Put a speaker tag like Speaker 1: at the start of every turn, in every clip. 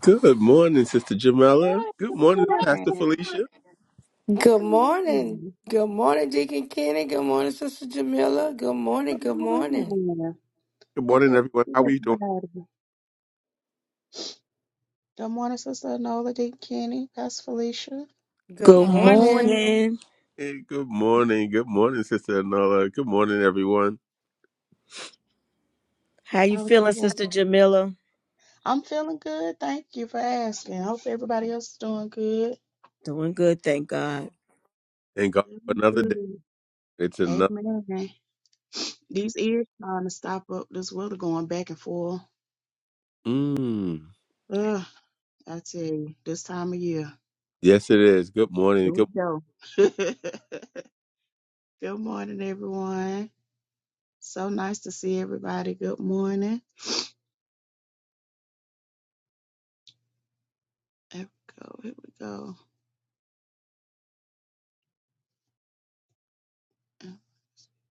Speaker 1: Good morning, Sister Jamela.
Speaker 2: Yes,
Speaker 1: Good
Speaker 2: good
Speaker 1: morning, Pastor
Speaker 2: morning.
Speaker 1: Felicia.
Speaker 3: Good morning.
Speaker 2: Mm,
Speaker 3: Good morning, Deacon Kenny. Good morning, Sister Jamila. Good
Speaker 2: Good
Speaker 3: morning. Good morning.
Speaker 2: morning.
Speaker 1: Good
Speaker 2: Uh,
Speaker 1: morning,
Speaker 2: Good to
Speaker 1: everyone.
Speaker 2: see
Speaker 1: How we doing?
Speaker 2: everybody. Good morning, Sister Nola D. Kenny, Pastor Felicia.
Speaker 3: Good
Speaker 4: Good
Speaker 3: morning.
Speaker 4: morning.
Speaker 1: Hey, good morning. Good morning, Sister Anola. Good morning, everyone.
Speaker 4: How you
Speaker 2: How's
Speaker 4: feeling,
Speaker 2: everyone?
Speaker 4: Sister Jamila?
Speaker 2: I'm feeling good. Thank you for asking. I hope everybody else is doing good.
Speaker 4: Doing good, thank God.
Speaker 1: Thank God for
Speaker 2: Doing
Speaker 1: another day.
Speaker 2: good.
Speaker 1: It's another.
Speaker 2: Amen. These ears trying to stop up. This weather going back and forth.
Speaker 1: Mm.
Speaker 2: Ugh, I tell you, this time of year.
Speaker 1: Yes, it is. Good
Speaker 2: Here
Speaker 1: morning. Good
Speaker 2: we go. Good morning, everyone. So nice to see everybody. Good morning. There we go. Here we go.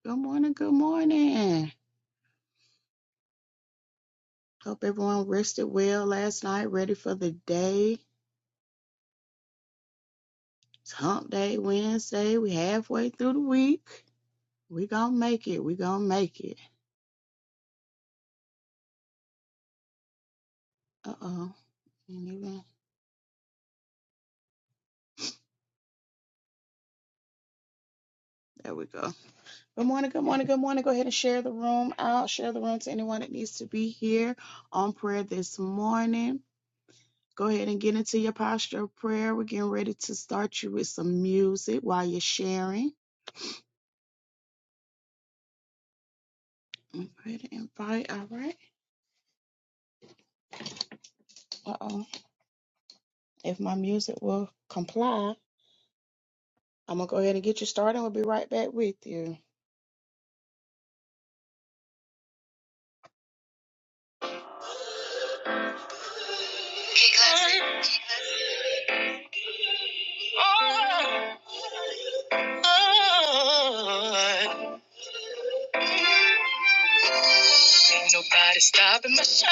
Speaker 2: Good morning. Good morning. Hope everyone rested well last night, ready for the day. It's hump day Wednesday. We halfway through the week. We gonna make it. We gonna make it. Uh oh. There we go. Good morning, good morning, good morning. Go ahead and share the room out. Share the room to anyone that needs to be here on prayer this morning. Go ahead and get into your posture of prayer. We're getting ready to start you with some music while you're sharing. I'm going to invite, all right. Uh oh. If my music will comply, I'm going to go ahead and get you started. We'll be right back with you. Okay, Oh, oh. Ain't nobody stopping my shine.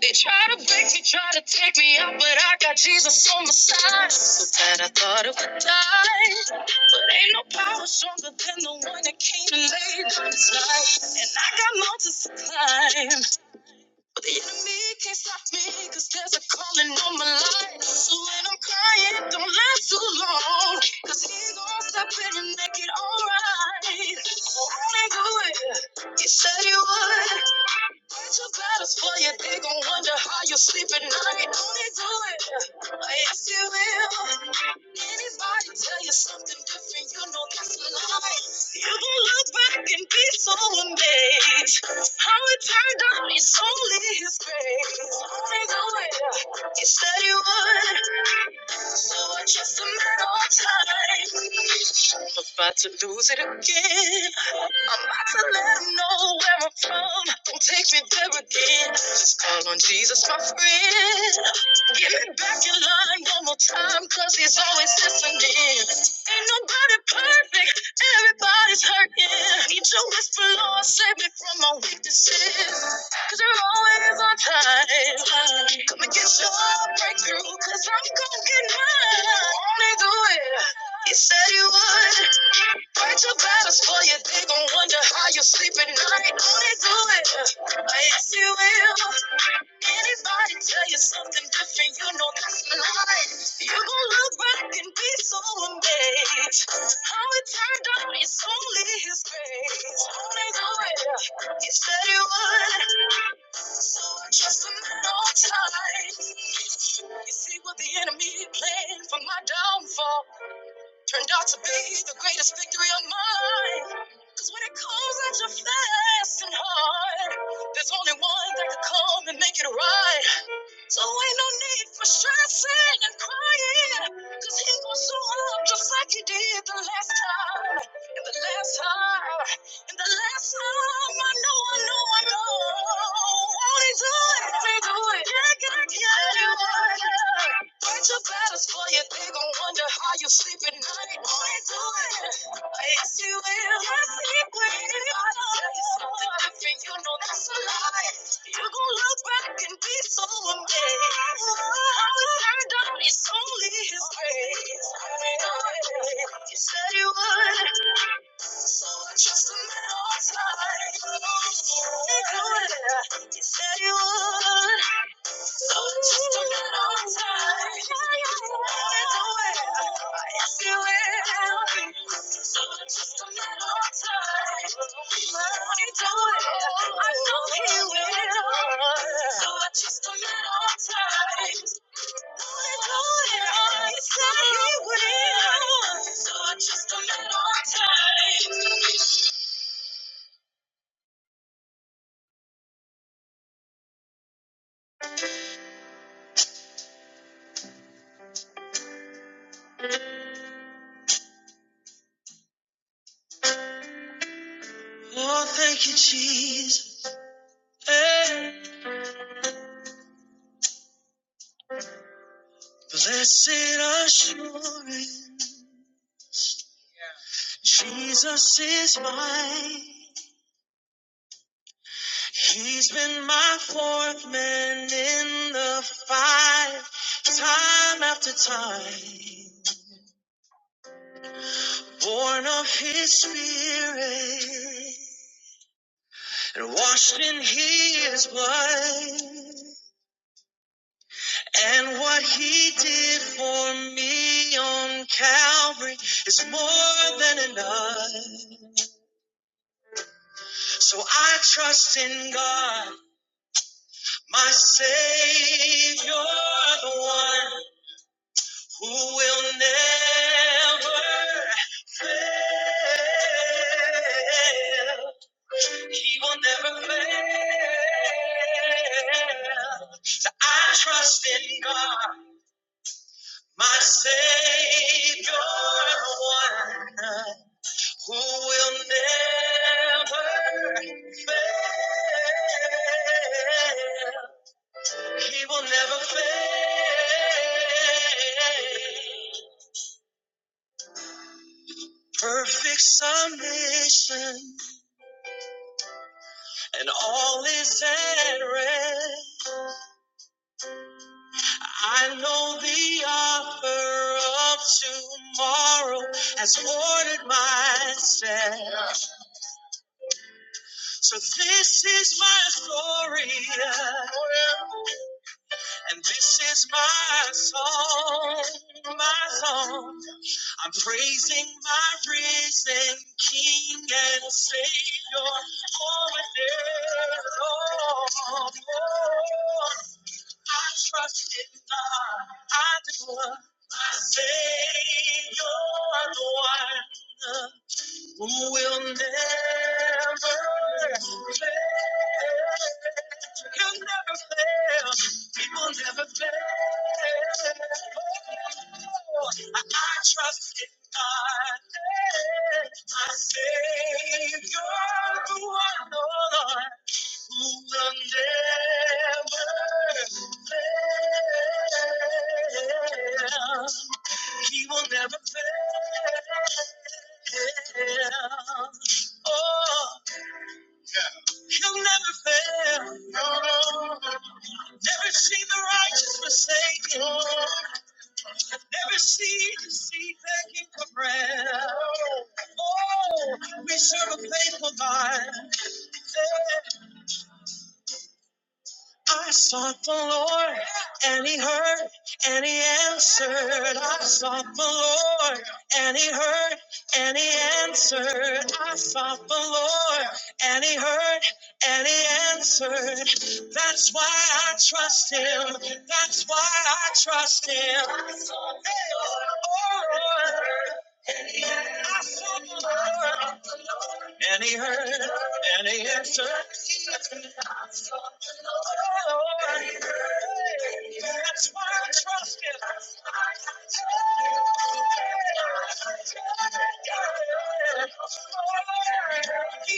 Speaker 2: They try to break me, try to take me out, but I got Jesus on my side. So bad I thought it would die. But ain't no power stronger than the one that came and laid down his life. And I got mountains to climb. But the enemy can't stop me because there's a calling on my life. So when I'm crying, don't last too long. Because he gonna step in and make it alright. So only do it. He said he would. Fight your battles for you. They gon' wonder how you sleep at night. Only do it. Yes, you will. Anybody tell you something different, you know that's a lie. You will look back and be so amazed. How it turned out It's only his grace. Think of it, you said you would. So I just a matter of time. I'm about to lose it again. I'm about to let him know where I'm from. Don't take me there again. Just call on Jesus, my friend. Get me back in line one more time, cause he's always listening. Ain't nobody perfect. Everybody's hurting. I Need your whisper, Lord, save me from my weaknesses. Cause you're always on time. Come and get your breakthrough, cause I'm gonna get mine. Only do it. You said you would. Fight your battles for you. They gon' wonder how you sleep at night. Only do it. Yes, you will. Anybody tell you something different, you know that's a lie. You gon' look back and be so amazed. How it turned out is only his grace. Only do it. You said you would. So I trust him at all times. You see what the enemy planned for my downfall turned out to be the greatest victory of mine. Cause when it comes at your fast and hard, there's only one that can come and make it right. So ain't no need for stressing and crying. Cause he gon' show up just like he did the last time. And the last time. And the last time. I know, I know, I know. Won't he do it? Won't he do it? Yeah, yeah, yeah. Tell you what, yeah. Fight your battles for you. They gon' wonder how you sleep at night. Won't he do it? Yes, he will. Yes, he will. If I tell you something different, you know that's a lie. You're look back and be so amazed. How we turned out is only His grace. You said you would. So I trust him at all times. You said you would. So she's took a long time. It's away. Yes, it will. So she's took a long time. I know he will. So I just took a long time. He said he will. So I just took a long time. Oh, thank you, Jesus. Hey. Blessed assurance. Jesus is mine. He's been my fourth man in the fight, time after time. Born of his spirit and washed in his blood. And what he did for me on Calvary is more than enough. So I trust in God. My Savior, the one who will never fail. He will never fail. So I trust in God, my Savior, the one who will never fail. He will never fail. Perfect submission and all is at rest. I know the author of tomorrow has ordered my steps. So this is my story and this is my song, my song. I'm praising my risen King and Savior for a day long. I trust in God. I do. My Savior, the one. Who will never fail? He'll never fail. He will never fail. I, I trust in God, my Savior, the one, oh Lord, who will never fail. He will never fail. Oh, he'll never fail. Never see the righteous forsaken. Never see the seed begging for bread. Oh, we serve a faithful God. I sought the Lord, and He heard, and He answered. I sought the Lord, and He heard, and He answered. I sought the Lord, and He heard, and He answered. That's why I trust Him. That's why I trust Him. I sought the Lord. And he heard, I sought the Lord, and he heard, and he answered. Lord, That's why I trust him. He heard He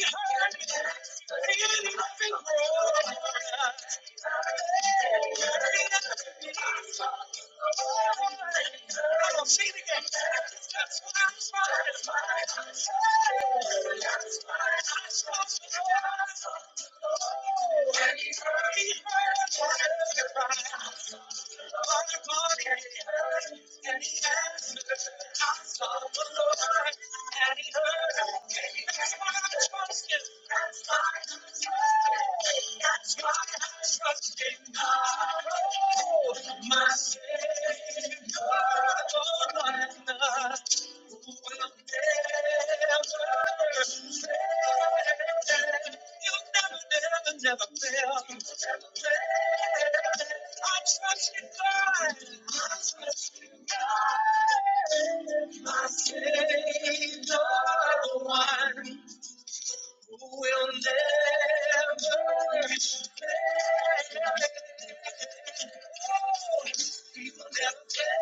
Speaker 2: did I called him up and he answered. I called for more and he heard. That's my trust in. That's my trust in. That's my trust in. My Savior, all my trust.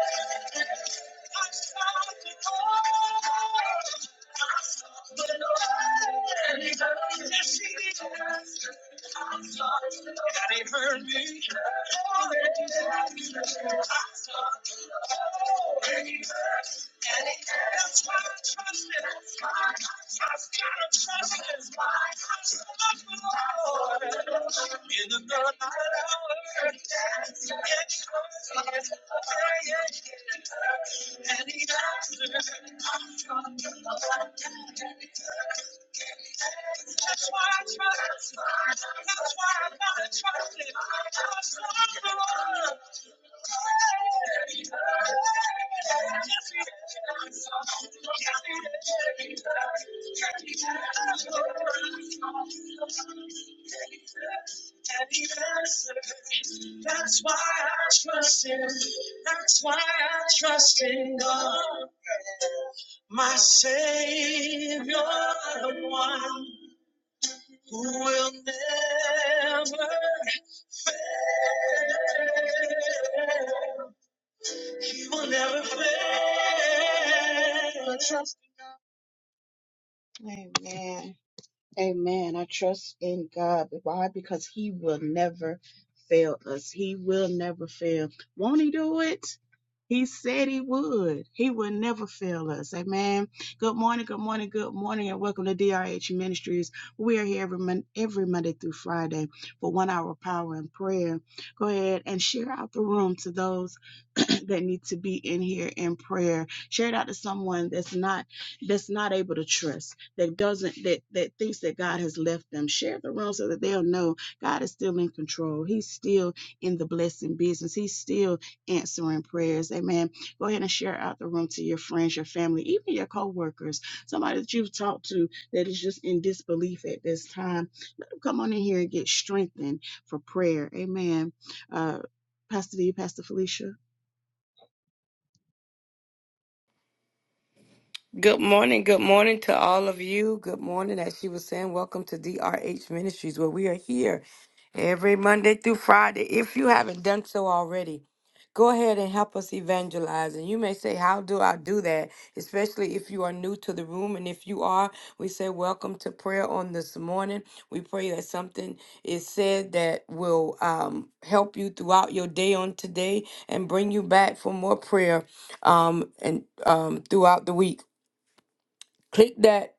Speaker 2: Never fail. I saw the Lord, and he heard, yes, he did. God ain't heard me. And it That's why I trust him. I've got to trust him. I trust the Lord. In the night hour, it's and he comes praying, and he answers. That's why I trust. That's why I gotta trust him. Trust the Lord. Hey, hey. Yes, he is. Yes, he is. Yes, he is. And he answers. That's why I trust him. That's why I trust in God, my Savior, the one who will never fail. He will never fail. I trust. Amen. Amen. I trust in God. Why? Because He will never fail us. He will never fail. Won't He do it? He said he would. He would never fail us. Amen. Good morning, good morning, good morning, and welcome to DRH Ministries. We are here every, mon- every Monday through Friday for one hour of power and prayer. Go ahead and share out the room to those that need to be in here in prayer. Share it out to someone that's not that's not able to trust, that doesn't that that thinks that God has left them. Share the room so that they'll know God is still in control. He's still in the blessing business. He's still answering prayers. Amen. Go ahead and share out the room to your friends, your family, even your coworkers, somebody that you've talked to that is just in disbelief at this time. Come on in here and get strengthened for prayer. Amen. Uh, Pastor D, Pastor Felicia.
Speaker 3: Good morning. Good morning to all of you. Good morning. As she was saying, welcome to DRH Ministries, where we are here every Monday through Friday. If you haven't done so already, go ahead and help us evangelize. And you may say, How do I do that? Especially if you are new to the room. And if you are, we say, Welcome to prayer on this morning. We pray that something is said that will um, help you throughout your day on today and bring you back for more prayer um, and um, throughout the week. Click that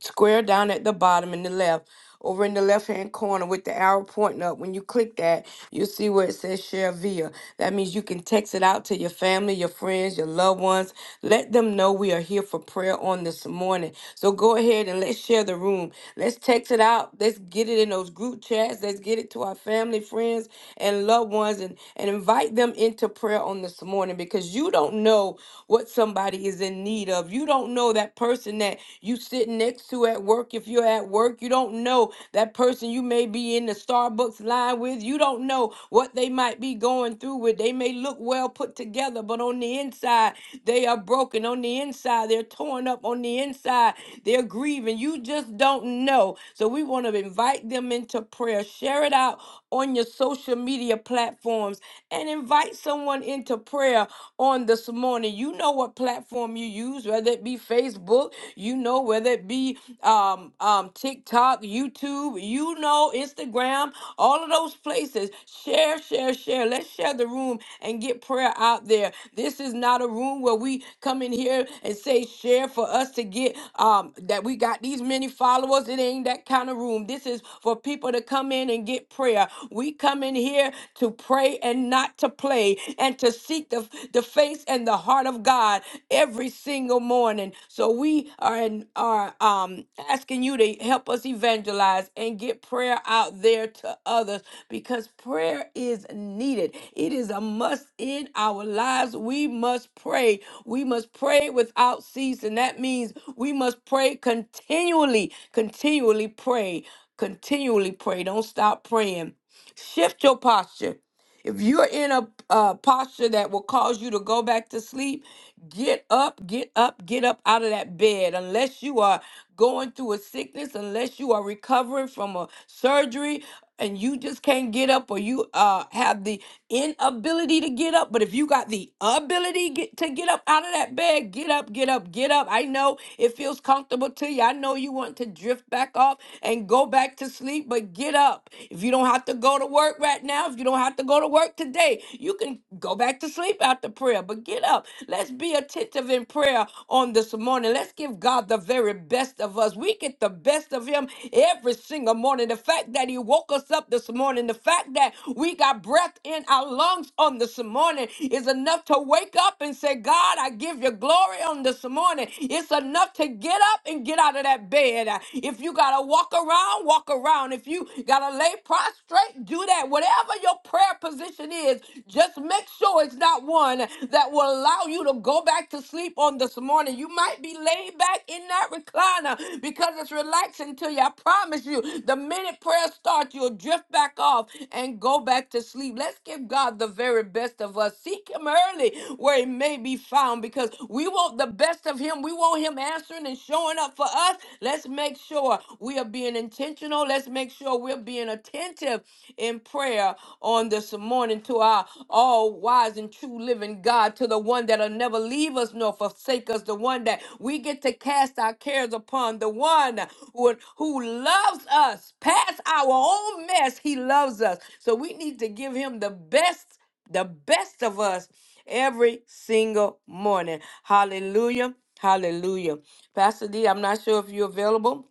Speaker 3: square down at the bottom in the left, over in the left hand corner with the arrow pointing up. When you click that, you'll see where it says share via. That means you can text it out to your family, your friends, your loved ones. Let them know we are here for prayer on this morning. So go ahead and let's share the room. Let's text it out. Let's get it in those group chats. Let's get it to our family, friends, and loved ones and, and invite them into prayer on this morning because you don't know what somebody is in need of. You don't know that person that you sitting next to at work. If you're at work, you don't know that person you may be in the Starbucks line with. You don't know what they might be going through with. They may look well put together, but on the inside, they are broken. On the inside, they're torn up. On the inside, they're grieving. You just don't know. So we want to invite them into prayer. Share it out on your social media platforms and invite someone into prayer on this morning. You know what? what platform you use, whether it be Facebook, you know, whether it be um, um, TikTok, YouTube, you know, Instagram, all of those places. Share, share, share. Let's share the room and get prayer out there. This is not a room where we come in here and say share for us to get um, that we got these many followers. It ain't that kind of room. This is for people to come in and get prayer. We come in here to pray and not to play pray and to seek the, the face and the heart of God every single morning. So we are in, are um asking you to help us evangelize and get prayer out there to others because prayer is needed. It is a must in our lives. We must pray. We must pray without ceasing. That means we must pray continually, continually pray, continually pray. Don't stop praying. Shift your posture. If you're in a uh, posture that will cause you to go back to sleep, get up, get up, get up out of that bed. Unless you are going through a sickness, unless you are recovering from a surgery, and you just can't get up, or you uh, have the inability to get up. But if you got the ability get, to get up out of that bed, get up, get up, get up. I know it feels comfortable to you. I know you want to drift back off and go back to sleep, but but get up. If you don't have to go to work right now, if you don't have to go to work today, you can go back to sleep after prayer, but get up. Let's be attentive in prayer on this morning. Let's give God the very best of us. We get the best of Him every single morning. The fact that He woke us up this morning, the fact that we got breath in our lungs on this morning is enough to wake up and say, God, I give you glory on this morning. It's enough to get up and give get out of that bed. Uh, If you got to walk around, walk around. If you got to lay prostrate, do that. Whatever your prayer position is, just make sure it's not one that will allow you to go back to sleep on this morning. You might be laid back in that recliner because it's relaxing to you. I promise you, the minute prayer starts, you'll drift back off and go back to sleep. Let's give God the very best of us. Seek Him early where He may be found down because we want the best of him. We want him answering and showing up for us. Let's make sure we are being intentional. Let's make sure we're being attentive in prayer on this morning to our all wise and true living God, to the one that'll never leave us nor forsake us, the one that we get to cast our cares upon, the one who, who loves us past our own mess. He loves us. So we need to give him the best the best of us every single morning. Hallelujah. Hallelujah. Pastor D, I'm not sure if you're available.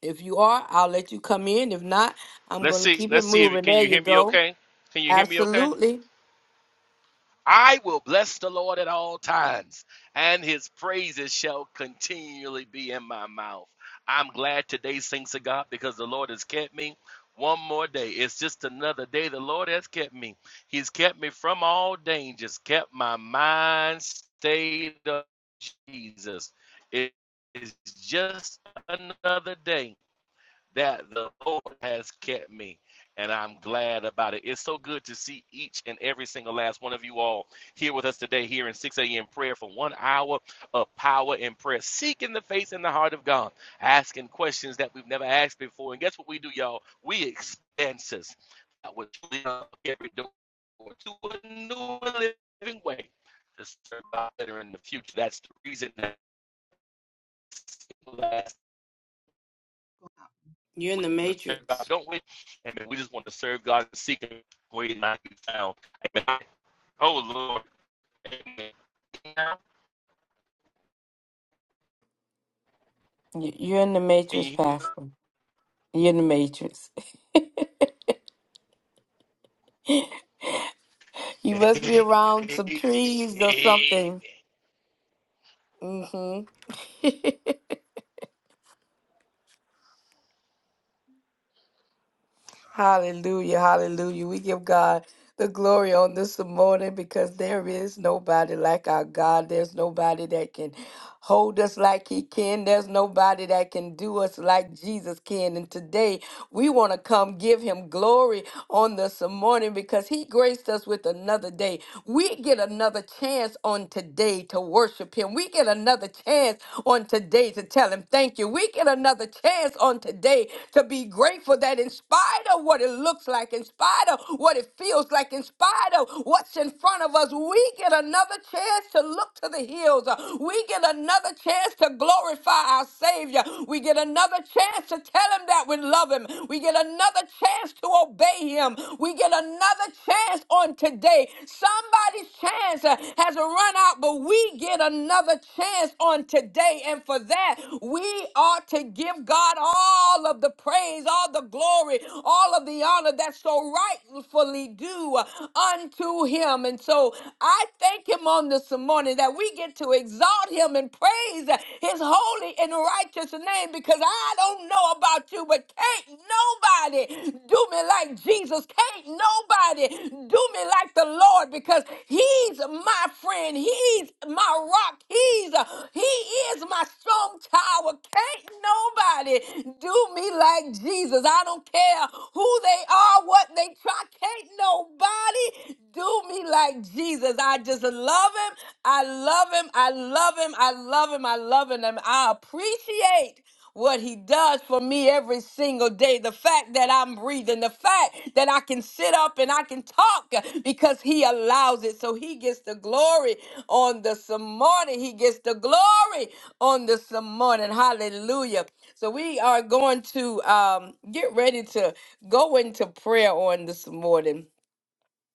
Speaker 3: If you are, I'll let you come in. If not, I'm
Speaker 5: Let's
Speaker 3: going to
Speaker 5: see.
Speaker 3: keep it
Speaker 5: Let's see if you
Speaker 3: moving.
Speaker 5: can
Speaker 3: There
Speaker 5: you
Speaker 3: you
Speaker 5: hear me
Speaker 3: go.
Speaker 5: okay? Can you hear me okay?
Speaker 3: Absolutely.
Speaker 5: I will bless the Lord at all times, and his praises shall continually be in my mouth. I'm glad today, thanks to God, because the Lord has kept me one more day. It's just another day the Lord has kept me. He's kept me from all dangers, kept my mind stayed on Jesus. It is just another day that the Lord has kept me. And I'm glad about it. It's so good to see each and every single last one of you all here with us today, here in 6 a.m. prayer for one hour of power in prayer, seeking the face and the heart of God, asking questions that we've never asked before. And guess what we do, y'all? We expenses that would lead up every door to a new living way to serve God better in the future. That's the reason that last
Speaker 3: You're in
Speaker 5: We
Speaker 3: the
Speaker 5: want to serve God,
Speaker 3: matrix.
Speaker 5: don't we? And we just want to serve God and seek Him where He's not be found. Amen. Oh Lord. Amen.
Speaker 3: Y- You're in the
Speaker 5: Can you
Speaker 3: matrix,
Speaker 5: hear
Speaker 3: Pastor. You're in the matrix. You
Speaker 5: me?
Speaker 3: must be around some
Speaker 5: Amen.
Speaker 3: trees or
Speaker 5: Amen.
Speaker 3: something. Mm-hmm. Hallelujah, hallelujah. We give God the glory on this morning because there is nobody like our God. There's nobody that can hold us like He can. There's nobody that can do us like Jesus can. And today we want to come give Him glory on this morning because He graced us with another day. We get another chance on today to worship Him. We get another chance on on today to tell him thank you. We get another chance on today to be grateful that in spite of what it looks like, in spite of what it feels like, in spite of what's in front of us, we get another chance to look to the hills. We get another chance to glorify our Savior. We get another chance to tell him that we love him. We get another chance to obey him. We get another chance on today Somebody's chance uh, has run out, but we get another chance on today. And for that, we ought to give God all of the praise, all the glory, all of the honor that's so rightfully due uh, unto him. And so I thank him on this morning that we get to exalt him and praise his holy and righteous name because I don't know about you, but can't nobody do me like Jesus. Can't nobody do me like the Lord because He's my friend. He's my rock. He's uh, He is my strong tower. Can't nobody do me like Jesus. I don't care who they are, what they try. Can't nobody do me like Jesus. I just love him. I love him. I love him. I love him. I love him. And I appreciate what he does for me every single day. The fact that I'm breathing, the fact that I can sit up and I can talk uh, because he allows it. So he gets the glory on this morning. He gets the glory on this morning. Hallelujah. So we are going to um, get ready to go into prayer on this morning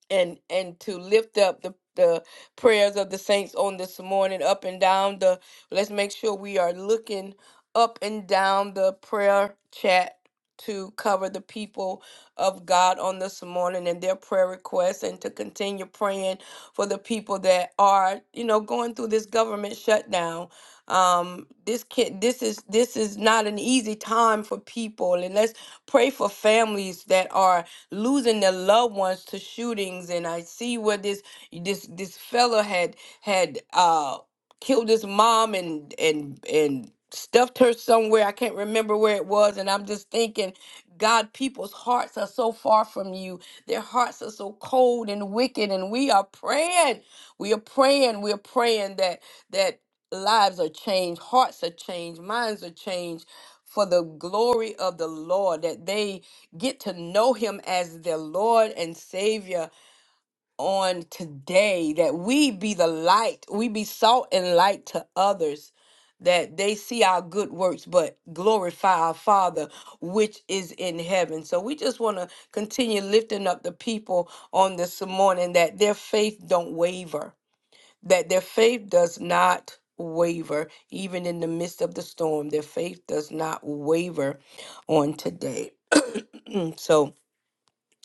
Speaker 3: and and to lift up the the prayers of the saints on this morning up and down the let's make sure we are looking up and down the prayer chat to cover the people of God on this morning and their prayer requests and to continue praying for the people that are you know going through this government shutdown um this can this is this is not an easy time for people and let's pray for families that are losing their loved ones to shootings. And I see where this this this fella had had uh killed his mom and and and stuffed her somewhere. I can't remember where it was. And I'm just thinking, God, people's hearts are so far from you. Their hearts are so cold and wicked. And we are praying. We are praying. We are praying that that lives are changed, hearts are changed, minds are changed for the glory of the Lord, that they get to know him as their Lord and Savior on today, that we be the light, we be salt and light to others, that they see our good works but glorify our Father which is in heaven. So we just want to continue lifting up the people on this morning that their faith don't waver, that their faith does not waver even in the midst of the storm their faith does not waver on today so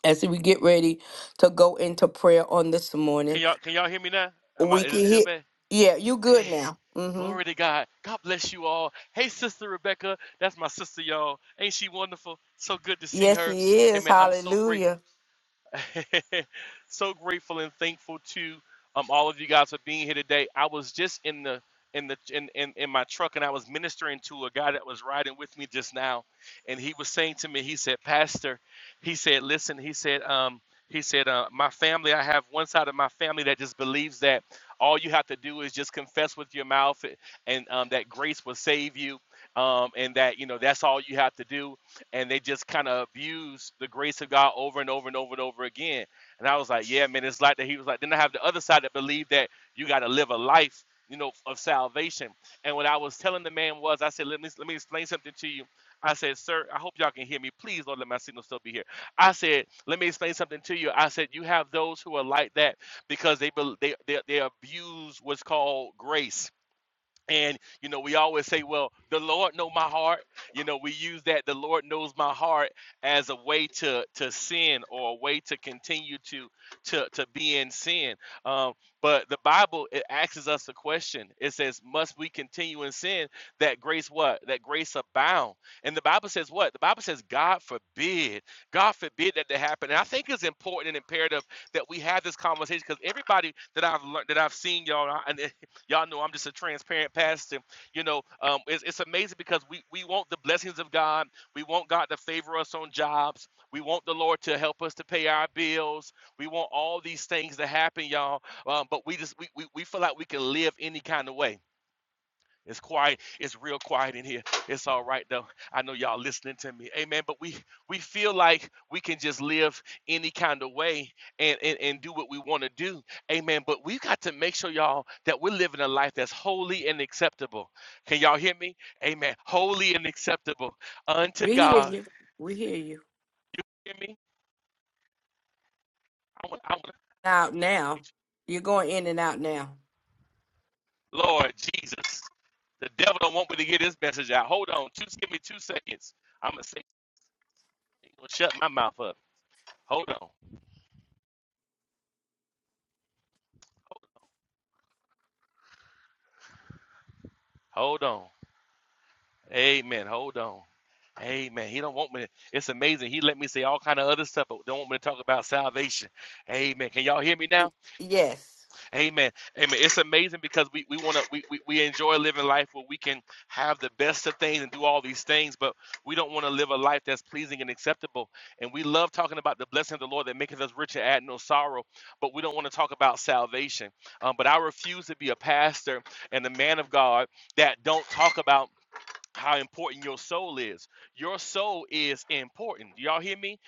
Speaker 3: as we get ready to go into prayer on this morning.
Speaker 5: Can y'all can y'all hear me now? Am I
Speaker 3: We
Speaker 5: is
Speaker 3: can
Speaker 5: it still
Speaker 3: hear.
Speaker 5: bad?
Speaker 3: Yeah, you good
Speaker 5: Hey,
Speaker 3: now? mm hmm
Speaker 5: glory to God. God bless you all. Hey, Sister Rebecca. That's my sister, y'all. Ain't she wonderful? So good to see
Speaker 3: Yes,
Speaker 5: her.
Speaker 3: he is.
Speaker 5: Amen. I'm so grateful.
Speaker 3: Hallelujah.
Speaker 5: so grateful and thankful to um, all of you guys for being here today. I was just in the in the in, in in my truck and I was ministering to a guy that was riding with me just now, and he was saying to me, he said, Pastor, he said, listen, he said, um, he said, uh, my family, I have one side of my family that just believes that all you have to do is just confess with your mouth and um, that grace will save you, um, and that you know that's all you have to do and they just kind of abuse the grace of God over and over and over and over again. And I was like, yeah, man, it's like that. He was like, then I have the other side that believe that you got to live a life, you know, of salvation. And what I was telling the man was, I said, let me let me explain something to you. I said, sir, I hope y'all can hear me. Please don't let my signal still be here. I said, let me explain something to you. I said, you have those who are like that because they bel they they, they abuse what's called grace and you know, we always say, "Well, the Lord know my heart." You know, we use that "the Lord knows my heart" as a way to to sin or a way to continue to to to be in sin. Um, but the Bible it asks us the question. It says, "Must we continue in sin that grace what that grace abound?" And the Bible says what? The Bible says, "God forbid, God forbid that to happen." And I think it's important and imperative that we have this conversation because everybody that I've learned that I've seen y'all, and Y'all know I'm just a transparent pastor. You know, um, it's, it's amazing because we, we want the blessings of God. We want God to favor us on jobs. We want the Lord to help us to pay our bills. We want all these things to happen, y'all. Um, but we just we, we, we feel like we can live any kind of way it's quiet. It's real quiet in here. It's all right though. I know y'all listening to me. Amen. But we we feel like we can just live any kind of way and and, and do what we want to do. Amen. But we've got to make sure y'all that we're living a life that's holy and acceptable. Can y'all hear me? Amen. Holy and acceptable unto
Speaker 3: We hear
Speaker 5: God.
Speaker 3: you. We hear you.
Speaker 5: You hear me? I want I want I
Speaker 3: Out
Speaker 5: want to
Speaker 3: now.
Speaker 5: make
Speaker 3: You're going in and out now.
Speaker 5: sure. Lord Jesus. The devil don't want me to get this message out. Hold on. Just give me two seconds. I'm gonna say shut my mouth up. Hold on. Hold on. Amen. Hold on. Amen. He don't want me. It's amazing. He let me say all kind of other stuff, but don't want me to talk about salvation. Amen. Can y'all hear me now?
Speaker 3: Yes.
Speaker 5: Amen. Amen. It's amazing because we, we want to we, we, we enjoy living life where we can have the best of things and do all these things, but we don't want to live a life that's pleasing and acceptable. And we love talking about the blessing of the Lord that maketh us rich and add no sorrow, but we don't want to talk about salvation. Um, but I refuse to be a pastor and a man of God that don't talk about how important your soul is. Your soul is important. Do y'all hear me?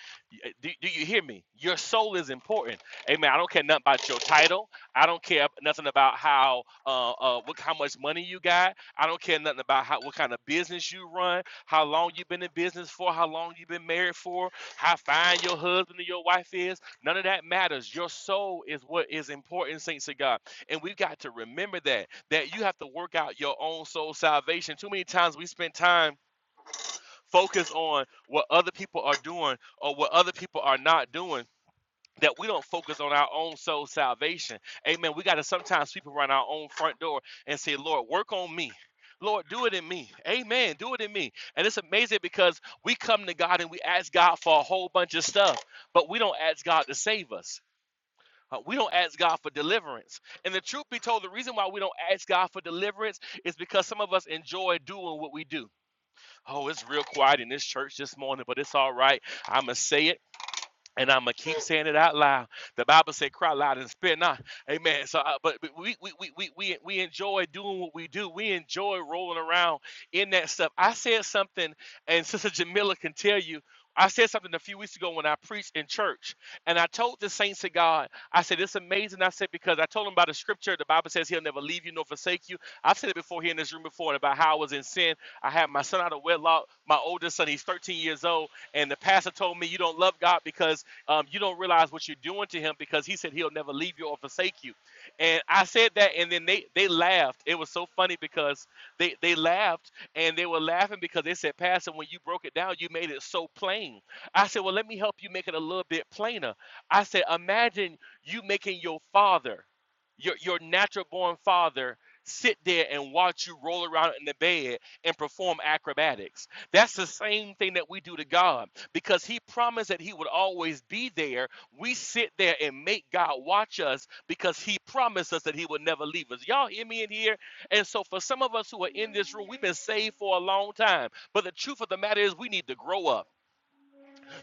Speaker 5: uh, Do, do you hear me? Your soul is important. Amen. I don't care nothing about your title. I don't care nothing about how uh, uh what how much money you got. I don't care nothing about how what kind of business you run, how long you've been in business for, how long you've been married for, how fine your husband or your wife is. None of that matters. Your soul is what is important, saints of God. And we've got to remember that, that you have to work out your own soul salvation. Too many times we spend time focused on what other people are doing or what other people are not doing. That we don't focus on our own soul salvation. Amen. We got to sometimes sweep around our own front door and say, Lord, work on me. Lord, do it in me. Amen. Do it in me. And it's amazing because we come to God and we ask God for a whole bunch of stuff, but we don't ask God to save us. Uh, we don't ask God for deliverance. And the truth be told, the reason why we don't ask God for deliverance is because some of us enjoy doing what we do. Oh, it's real quiet in this church this morning, but it's all right. I'm going to say it. And I'm gonna keep saying it out loud. The Bible said, "Cry loud and spit not." Amen. So, uh, but, but we, we we we we we enjoy doing what we do. We enjoy rolling around in that stuff. I said something, and Sister Jamila can tell you. I said something a few weeks ago when I preached in church, and I told the saints of God. I said it's amazing. I said because I told them about the scripture. The Bible says He'll never leave you nor forsake you. I've said it before here in this room before about how I was in sin. I had my son out of wedlock. My oldest son, he's 13 years old, and the pastor told me you don't love God because um, you don't realize what you're doing to him because he said he'll never leave you or forsake you. And I said that, and then they they laughed. It was so funny because they they laughed and they were laughing because they said, Pastor, when you broke it down, you made it so plain. I said, Well, let me help you make it a little bit plainer. I said, Imagine you making your father, your your natural born father. Sit there and watch you roll around in the bed and perform acrobatics. That's the same thing that we do to God because he promised that he would always be there. We sit there and make God watch us because he promised us that he would never leave us. Y'all hear me in here? And so, for some of us who are in this room, we've been saved for a long time. But the truth of the matter is, we need to grow up.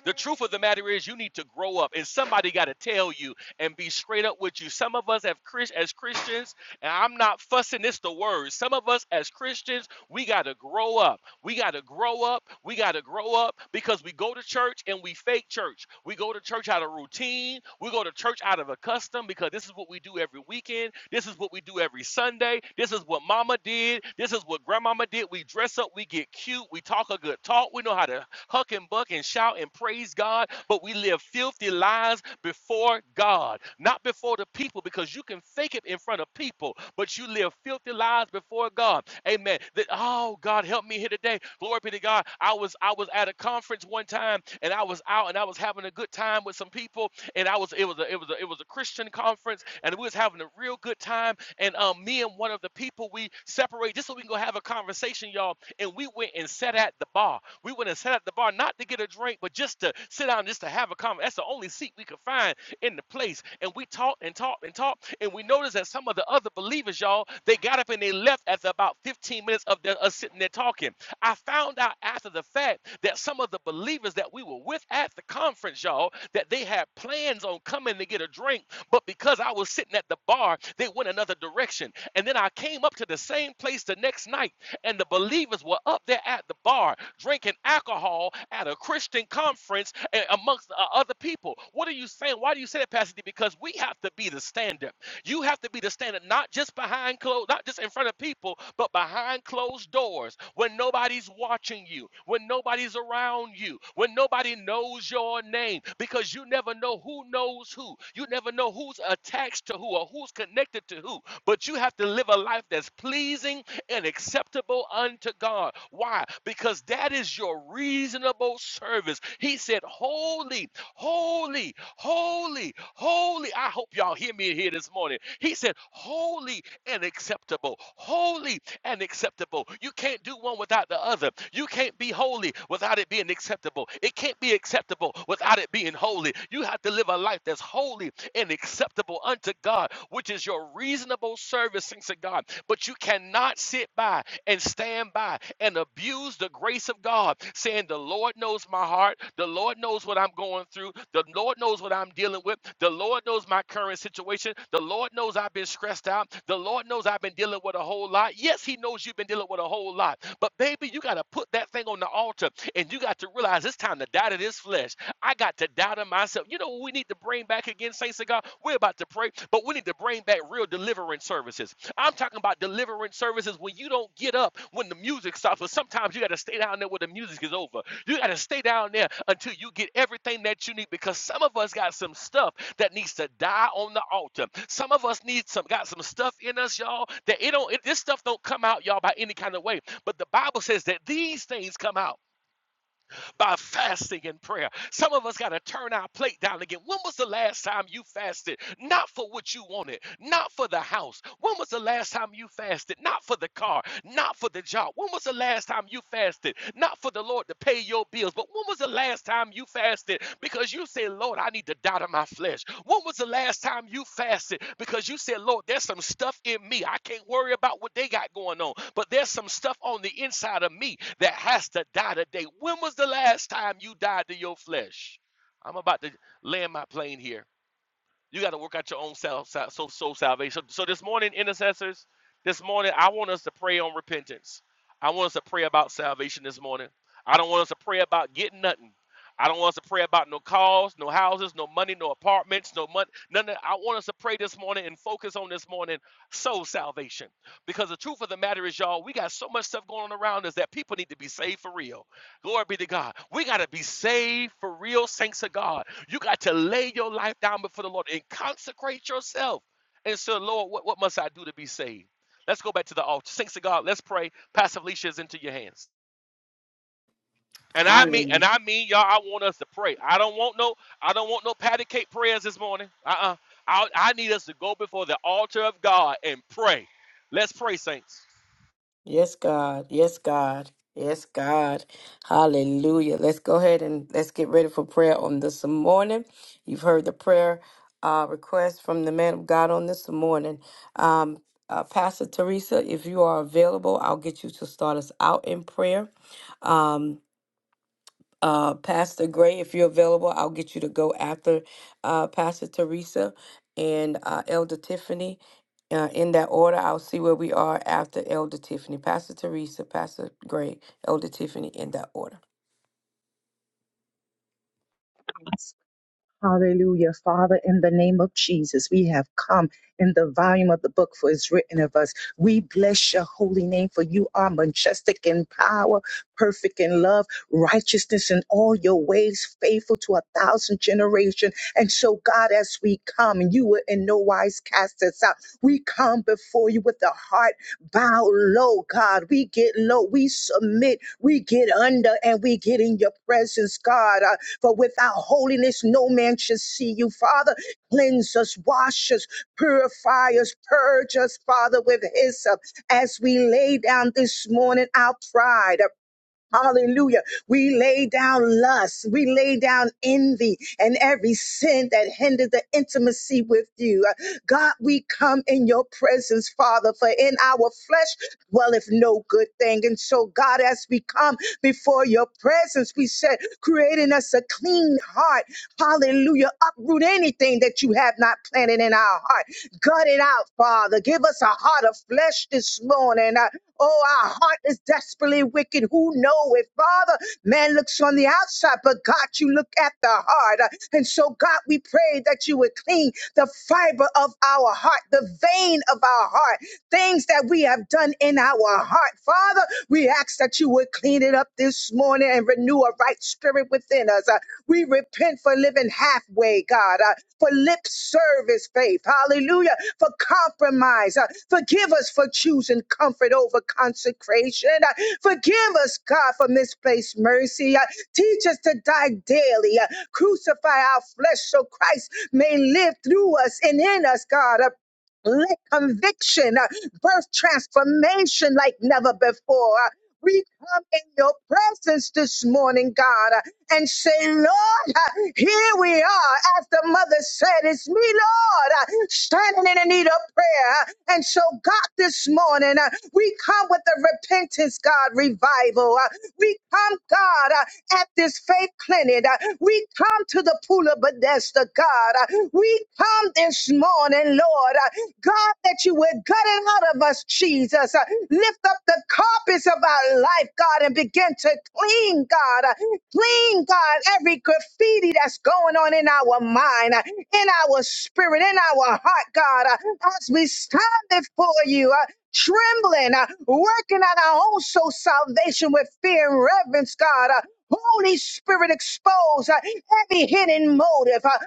Speaker 5: The truth of the matter is, you need to grow up, and somebody got to tell you and be straight up with you. Some of us have Chris as Christians, and I'm not fussing. It's the word. Some of us as Christians, we got to grow up. We got to grow up. We got to grow up because we go to church and we fake church. We go to church out of routine. We go to church out of a custom because this is what we do every weekend. This is what we do every Sunday. This is what Mama did. This is what Grandmama did. We dress up. We get cute. We talk a good talk. We know how to huck and buck and shout and praise God, but we live filthy lives before God, not before the people, because you can fake it in front of people, but you live filthy lives before God. Amen. That oh God help me here today. Glory be to God. I was I was at a conference one time and I was out and I was having a good time with some people and I was it was a it was a it was a Christian conference and we was having a real good time and um me and one of the people we separate just so we can go have a conversation y'all and we went and sat at the bar. We went and sat at the bar not to get a drink, but just to sit down, just to have a conversation. That's the only seat we could find in the place. And we talked and talked and talked, and we noticed that some of the other believers, y'all, they got up and they left after about 15 minutes of the, us sitting there talking. I found out after the fact that some of the believers that we were with at the conference, y'all, that they had plans on coming to get a drink, but because I was sitting at the bar, they went another direction. And then I came up to the same place the next night and the believers were up there at the bar drinking alcohol at a Christian conference eh, amongst uh, other people. What are you saying? Why do you say that, Pastor D? Because we have to be the standard. You have to be the standard, not just behind closed, not just in front of people, but behind closed doors when nobody's watching you, when nobody's around you, when nobody knows your name, because you never know who knows who. You never know who's attached to who or who's connected to who. But you have to live a life that's pleasing and acceptable unto God. Why? Because that is your reasonable service. He said, Holy, holy, holy, holy. I hope y'all hear me here this morning. He said, Holy and acceptable. Holy and acceptable. You can't do one without the other. You can't be holy without it being acceptable. It can't be acceptable without it being holy. You have to live a life that's holy and acceptable unto God, which is your reasonable servicing to God. But you cannot sit by and stand by and abuse the grace of God, saying, The Lord knows my heart. The Lord knows what I'm going through. The Lord knows what I'm dealing with. The Lord knows my current situation. The Lord knows I've been stressed out. The Lord knows I've been dealing with a whole lot. Yes, He knows you've been dealing with a whole lot. But, baby, you got to put that thing on the altar and you got to realize it's time to die to this flesh. I got to die to myself. You know what we need to bring back again, saints of God? We're about to pray, but we need to bring back real deliverance services. I'm talking about deliverance services when you don't get up when the music stops. But sometimes you got to stay down there when the music is over. You got to stay down there until you get everything that you need because some of us got some stuff that needs to die on the altar. Some of us need some got some stuff in us, y'all, that it don't it, this stuff don't come out, y'all, by any kind of way. But the Bible says that these things come out by fasting and prayer. Some of us got to turn our plate down again. When was the last time you fasted? Not for what you wanted, not for the house. When was the last time you fasted? Not for the car, not for the job. When was the last time you fasted? Not for the Lord to pay your bills, but when was the last last time you fasted because you said, Lord, I need to die to my flesh? When was the last time you fasted because you said, Lord, there's some stuff in me. I can't worry about what they got going on, but there's some stuff on the inside of me that has to die today. When was the last time you died to your flesh? I'm about to land my plane here. You got to work out your own self, sal- so soul salvation. So so this morning, intercessors, this morning, I want us to pray on repentance. I want us to pray about salvation this morning. I don't want us to pray about getting nothing. I don't want us to pray about no cars, no houses, no money, no apartments, no money. None of, I want us to pray this morning and focus on this morning soul salvation. Because the truth of the matter is, y'all, we got so much stuff going on around us that people need to be saved for real. Glory be to God. We got to be saved for real, saints of God. You got to lay your life down before the Lord and consecrate yourself and say, Lord, what, what must I do to be saved? Let's go back to the altar. Saints of God, let's pray. Pastor Felicia is into your hands. And I mean, and
Speaker 3: Hallelujah.
Speaker 5: I mean, y'all, I want us to pray. I don't want no, I don't want no patty cake prayers this morning. Uh-uh. I, I need us to go before the altar of God and pray. Let's pray, saints.
Speaker 3: Yes, God. Yes, God. Yes, God. Hallelujah. Let's go ahead and let's get ready for prayer on this morning. You've heard the prayer uh, request from the man of God on this morning. Um, uh, Pastor Teresa, if you are available, I'll get you to start us out in prayer. Um, uh, Pastor Gray, if you're available, I'll get you to go after uh, Pastor Teresa and uh, Elder Tiffany. Uh, in that order, I'll see where we are after Elder Tiffany. Pastor Teresa, Pastor Gray, Elder Tiffany, in that order.
Speaker 6: Hallelujah. Father, in the name of Jesus, we have come in the volume of the book for it's written of us. We bless your holy name for you are majestic in power, perfect in love, righteousness in all your ways, faithful to a thousand generations. And so, God, as we come, and you will in no wise cast us out. We come before you with a heart bow low, God. We get low, we submit, we get under, and we get in your presence, God. Uh, for without holiness, no man shall see you, Father. Cleanse us, wash us, purify us, purge us, Father, with hyssop. As we lay down this morning, our pride. uh, Hallelujah. We lay down lust. We lay down envy and every sin that hindered the intimacy with you. Uh, God, we come in your presence, Father, for in our flesh dwelleth no good thing. And so, God, as we come before your presence, we said, creating us a clean heart. Hallelujah. Uproot anything that you have not planted in our heart. Gut it out, Father. Give us a heart of flesh this morning. Uh, oh, our heart is desperately wicked. Who know it, Father? Man looks on the outside, but God, you look at the heart. Uh, And so, God, we pray that you would clean the fiber of our heart, the vein of our heart, things that we have done in our heart. Father, we ask that you would clean it up this morning morning and renew a right spirit within us. Uh, we repent for living halfway, God, uh, for lip service, faith. Hallelujah. For compromise. Uh, forgive us for choosing comfort over consecration. Uh, forgive us, God, for misplaced mercy. Uh, teach us to die daily. Uh, crucify our flesh so Christ may live through us and in us, God. Uh, let conviction uh, birth transformation like never before. Uh, We come in your presence this morning, God, uh, and say, Lord, uh, here we are. As the mother said, it's me, Lord, uh, standing in the need of prayer. And so, God, this morning, uh, we come with the repentance, God, revival. Uh, We come, God, uh, at this faith clinic. Uh, We come to the pool of Bethesda. Master God. Uh, We come this morning, Lord, uh, God, that you would gut it out of us, Jesus. Uh, Lift up the carpets of our life, God, and begin to clean, God. Uh, Clean, God, every graffiti that's going on in our mind, uh, in our spirit, in our heart, God, uh, as we stand before you. uh, Trembling, uh, working on our own soul salvation with fear and reverence, God. Uh, Holy Spirit, expose uh, every hidden motive, uh,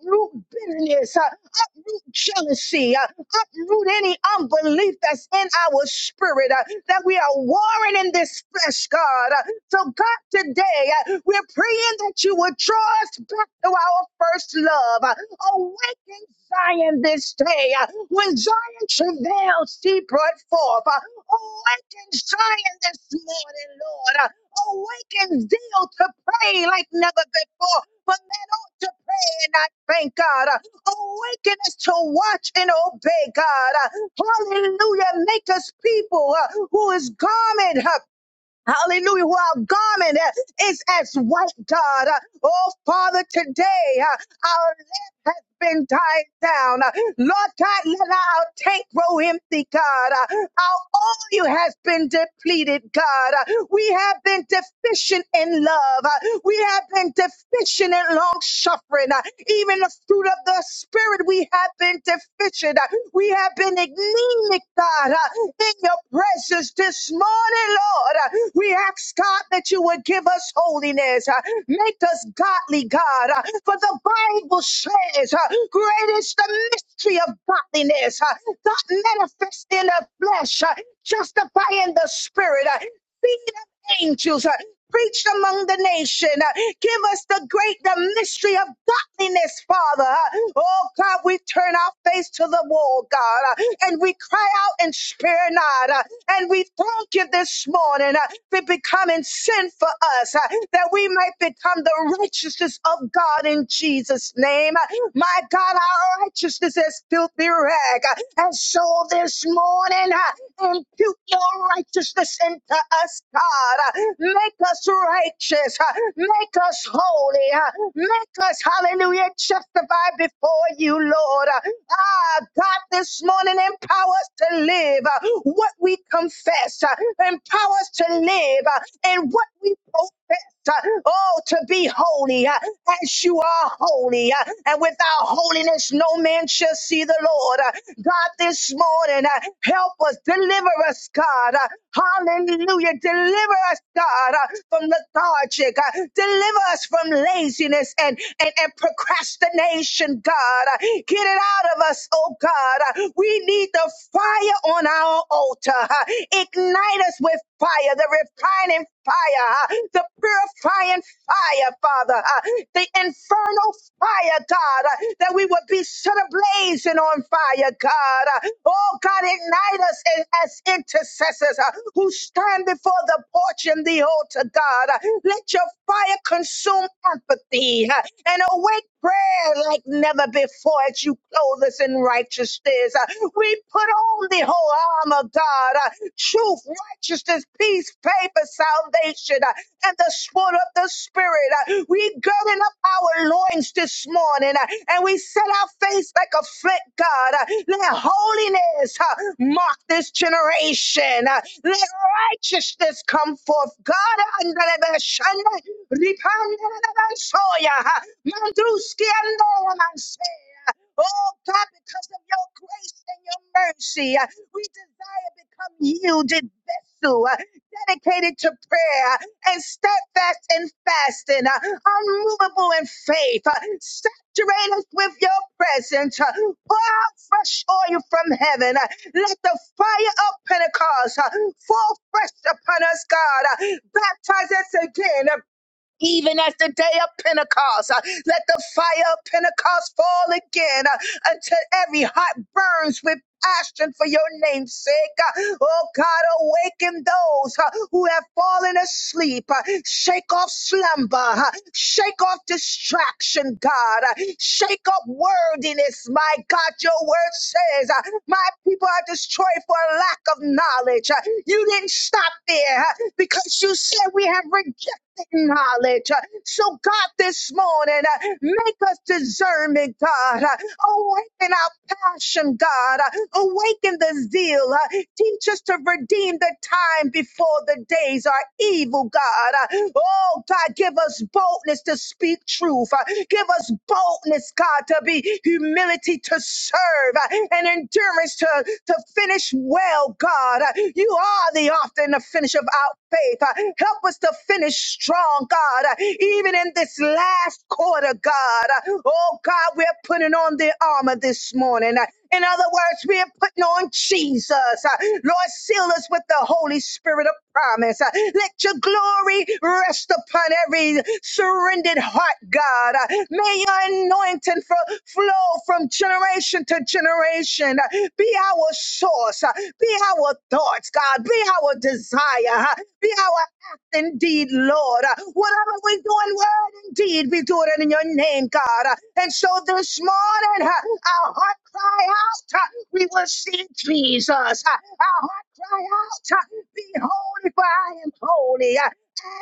Speaker 6: uproot bitterness, uh, uproot jealousy, uh, uproot any unbelief that's in our spirit uh, that we are warring in this flesh, God. Uh, so, God, today uh, we're praying that you would draw us back to our first love. Uh, awaken Zion this day. Uh, when Zion travailed, she brought forth. Uh, awaken Zion this morning, Lord. Uh, Awaken zeal to pray like never before. For men ought to pray and not thank God. Awaken us to watch and obey God. Hallelujah. Make us people uh, who is garment. Hallelujah. Who our garment uh, is as white, God. Uh, Oh, Father, today uh, our lamp has been tied down. Uh, Lord God, let our tank grow empty, God. Uh, Our oil has been depleted, God. Uh, We have been deficient in love. Uh, We have been deficient in long suffering. Uh, Even the fruit of the Spirit, we have been deficient. Uh, we have been anemic, God, uh, in your presence this morning, Lord. Uh, We ask, God, that you would give us holiness. uh, Make us godly, God. uh, For the Bible says, uh, great is the mystery of godliness. uh, God manifest in the flesh, uh, justifying the spirit. uh, feet of angels. uh, Preached among the nation. Uh, Give us the great, the mystery of godliness, Father. Uh, Oh God, we turn our face to the wall, God, uh, and we cry out and spare not. uh, And we thank you this morning uh, for becoming sin for us, uh, that we might become the righteousness of God in Jesus' name. Uh, My God, our righteousness is filthy rag. Uh, And so this morning, uh, impute your righteousness into us, God. Make us righteous. Make us holy. Make us, hallelujah, justified before you, Lord. Ah, God, this morning, empower us to live what we confess. Empower us to live in what we profess, uh, oh, to be holy uh, as you are holy. uh, And without holiness, no man shall see the Lord. Uh, God, this morning, uh, help us, deliver us, God. Uh, Hallelujah. Deliver us, God, uh, from lethargic. uh, Deliver us from laziness and, and, and procrastination, God. Uh, Get it out of us, oh God. Uh, We need the fire on our altar. huh? Ignite us with fire, the refining fire, huh? the purifying fire, Father, huh? the infernal fire, God, huh? that we would be set ablaze and on fire, God. huh? Oh, God, ignite us as, as intercessors huh, who stand before the porch and the altar, God. huh? Let your fire consume apathy huh? and awake prayer like never before as you clothe us in righteousness. Uh, We put on the whole arm of God, uh, truth, righteousness, peace, favor, salvation, uh, and the sword of the Spirit. Uh, We girding up our loins this morning, uh, and we set our face like a flint, God. Uh, Let holiness uh, mark this generation. Uh, Let righteousness come forth, God. Ripandanansoya, mandruskiandomanse. Oh God, because of your grace and your mercy, uh, we desire to become yielded vessel, uh, dedicated to prayer and steadfast in fasting, uh, unmovable in faith. uh, Saturate us with your presence. uh, Pour out fresh oil from heaven. uh, Let the fire of Pentecost uh, fall fresh upon us, God. uh, Baptize us again. uh, even at the day of Pentecost. Uh, Let the fire of Pentecost fall again uh, until every heart burns with passion for your name's sake. Uh, Oh God, awaken those uh, who have fallen asleep. Uh, Shake off slumber. uh, Shake off distraction, God. Uh, Shake off worldliness, my God. Your word says, uh, My people are destroyed for a lack of knowledge. Uh, You didn't stop there uh, because you said we have rejected knowledge. So, God, this morning, uh, make us discernment, God. Uh, Awaken our passion, God. Uh, Awaken the zeal. Uh, Teach us to redeem the time before the days are evil, God. Uh, Oh, God, give us boldness to speak truth. Uh, Give us boldness, God, to be humility to serve uh, and endurance to, to finish well, God. Uh, You are the author and the finish of our faith. Uh, Help us to finish strong, God, uh, even in this last quarter, God. Uh, Oh, God, we're putting on the armor this morning. Uh, In other words, we're putting on Jesus. Uh, Lord, seal us with the Holy Spirit of promise. Uh, let your glory rest upon every surrendered heart, God. May your anointing fro- flow from generation to generation. Be our source. Be our thoughts, God. Be our desire. Be our indeed, Lord. Whatever we do in word, indeed, we do it in your name, God. And so this morning, our heart cry out, we will see Jesus. Our heart cry out, be holy, for I am holy. As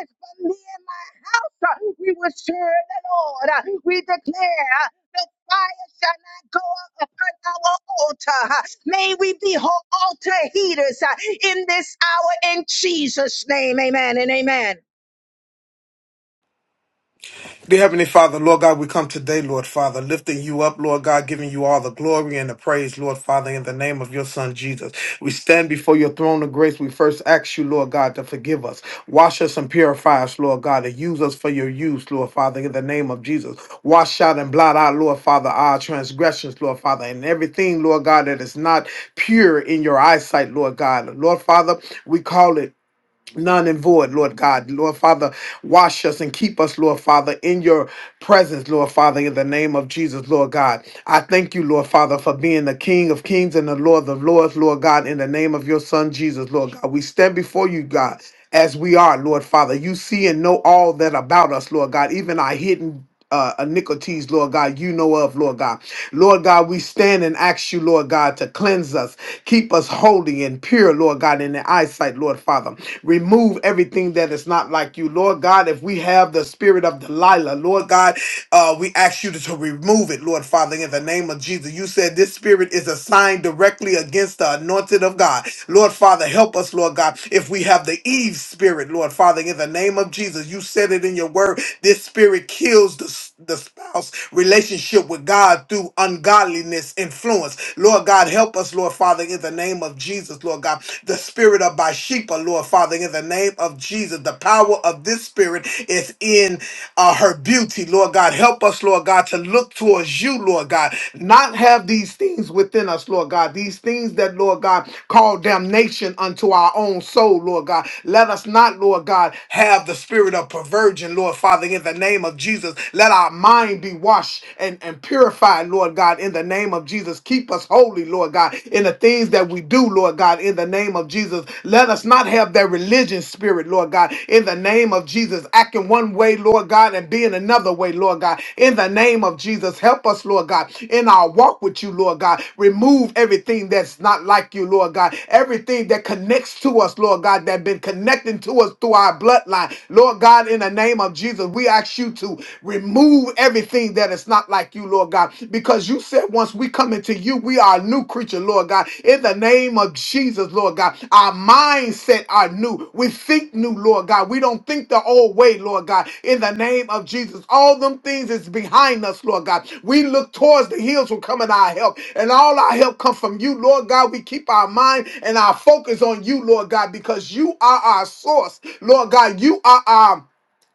Speaker 6: for me and my house, we will serve the Lord. We declare the fire go up upon our altar. May we be ho- altar heaters uh, in this hour in Jesus' name. Amen and amen.
Speaker 7: Dear Heavenly Father, Lord God, we come today, Lord Father, lifting you up, Lord God, giving you all the glory and the praise, Lord Father, in the name of your Son Jesus. We stand before your throne of grace. We first ask you, Lord God, to forgive us, wash us and purify us, Lord God, and use us for your use, Lord Father, in the name of Jesus. Wash out and blot out, Lord Father, our transgressions, Lord Father, and everything, Lord God, that is not pure in your eyesight, Lord God. Lord Father, we call it None and void, Lord God. Lord Father, wash us and keep us, Lord Father, in your presence, Lord Father, in the name of Jesus, Lord God. I thank you, Lord Father, for being the King of kings and the Lord of lords, Lord God, in the name of your Son, Jesus, Lord God. We stand before you, God, as we are, Lord Father. You see and know all that about us, Lord God, even our hidden uh, iniquities, Lord God, you know of, Lord God. Lord God, we stand and ask you, Lord God, to cleanse us, keep us holy and pure, Lord God, in the eyesight, Lord Father. Remove everything that is not like you, Lord God. If we have the spirit of Delilah, Lord God, uh, we ask you to, to remove it, Lord Father, in the name of Jesus. You said this spirit is a sign directly against the anointed of God. Lord Father, help us, Lord God, if we have the Eve spirit, Lord Father, in the name of Jesus. You said it in your word. This spirit Hatred kills the, the spouse relationship with God through ungodliness influence. Lord God, help us, Lord Father, in the name of Jesus, Lord God. The spirit of Bathsheba, Lord Father, in the name of Jesus. The power of this spirit is in uh, her beauty, Lord God. Help us, Lord God, to look towards you, Lord God. Not have these things within us, Lord God. These things that, Lord God, call damnation unto our own soul, Lord God. Let us not, Lord God, have the spirit of perversion, Lord Father in the name of Jesus. Let our mind be washed and, and purified, Lord God, in the name of Jesus. Keep us holy, Lord God, in the things that we do, Lord God, in the name of Jesus. Let us not have that religion spirit, Lord God, in the name of Jesus. Acting one way, Lord God, and being another way, Lord God, in the name of Jesus. Help us, Lord God, in our walk with you, Lord God. Remove everything that's not like you, Lord God. Everything that connects to us, Lord God, that been connecting to us through our bloodline, Lord God, in the name of name of Jesus, we ask you to remove everything that is not like you, Lord God, because you said once we come into you, we are a new creature, Lord God. In the name of Jesus, Lord God, our mindset are new. We think new, Lord God. We don't think the old way, Lord God. In the name of Jesus, all them things is behind us, Lord God. We look towards the hills will come in our help, and all our help come from you, Lord God. We keep our mind and our focus on you, Lord God, because you are our source, Lord God. You are our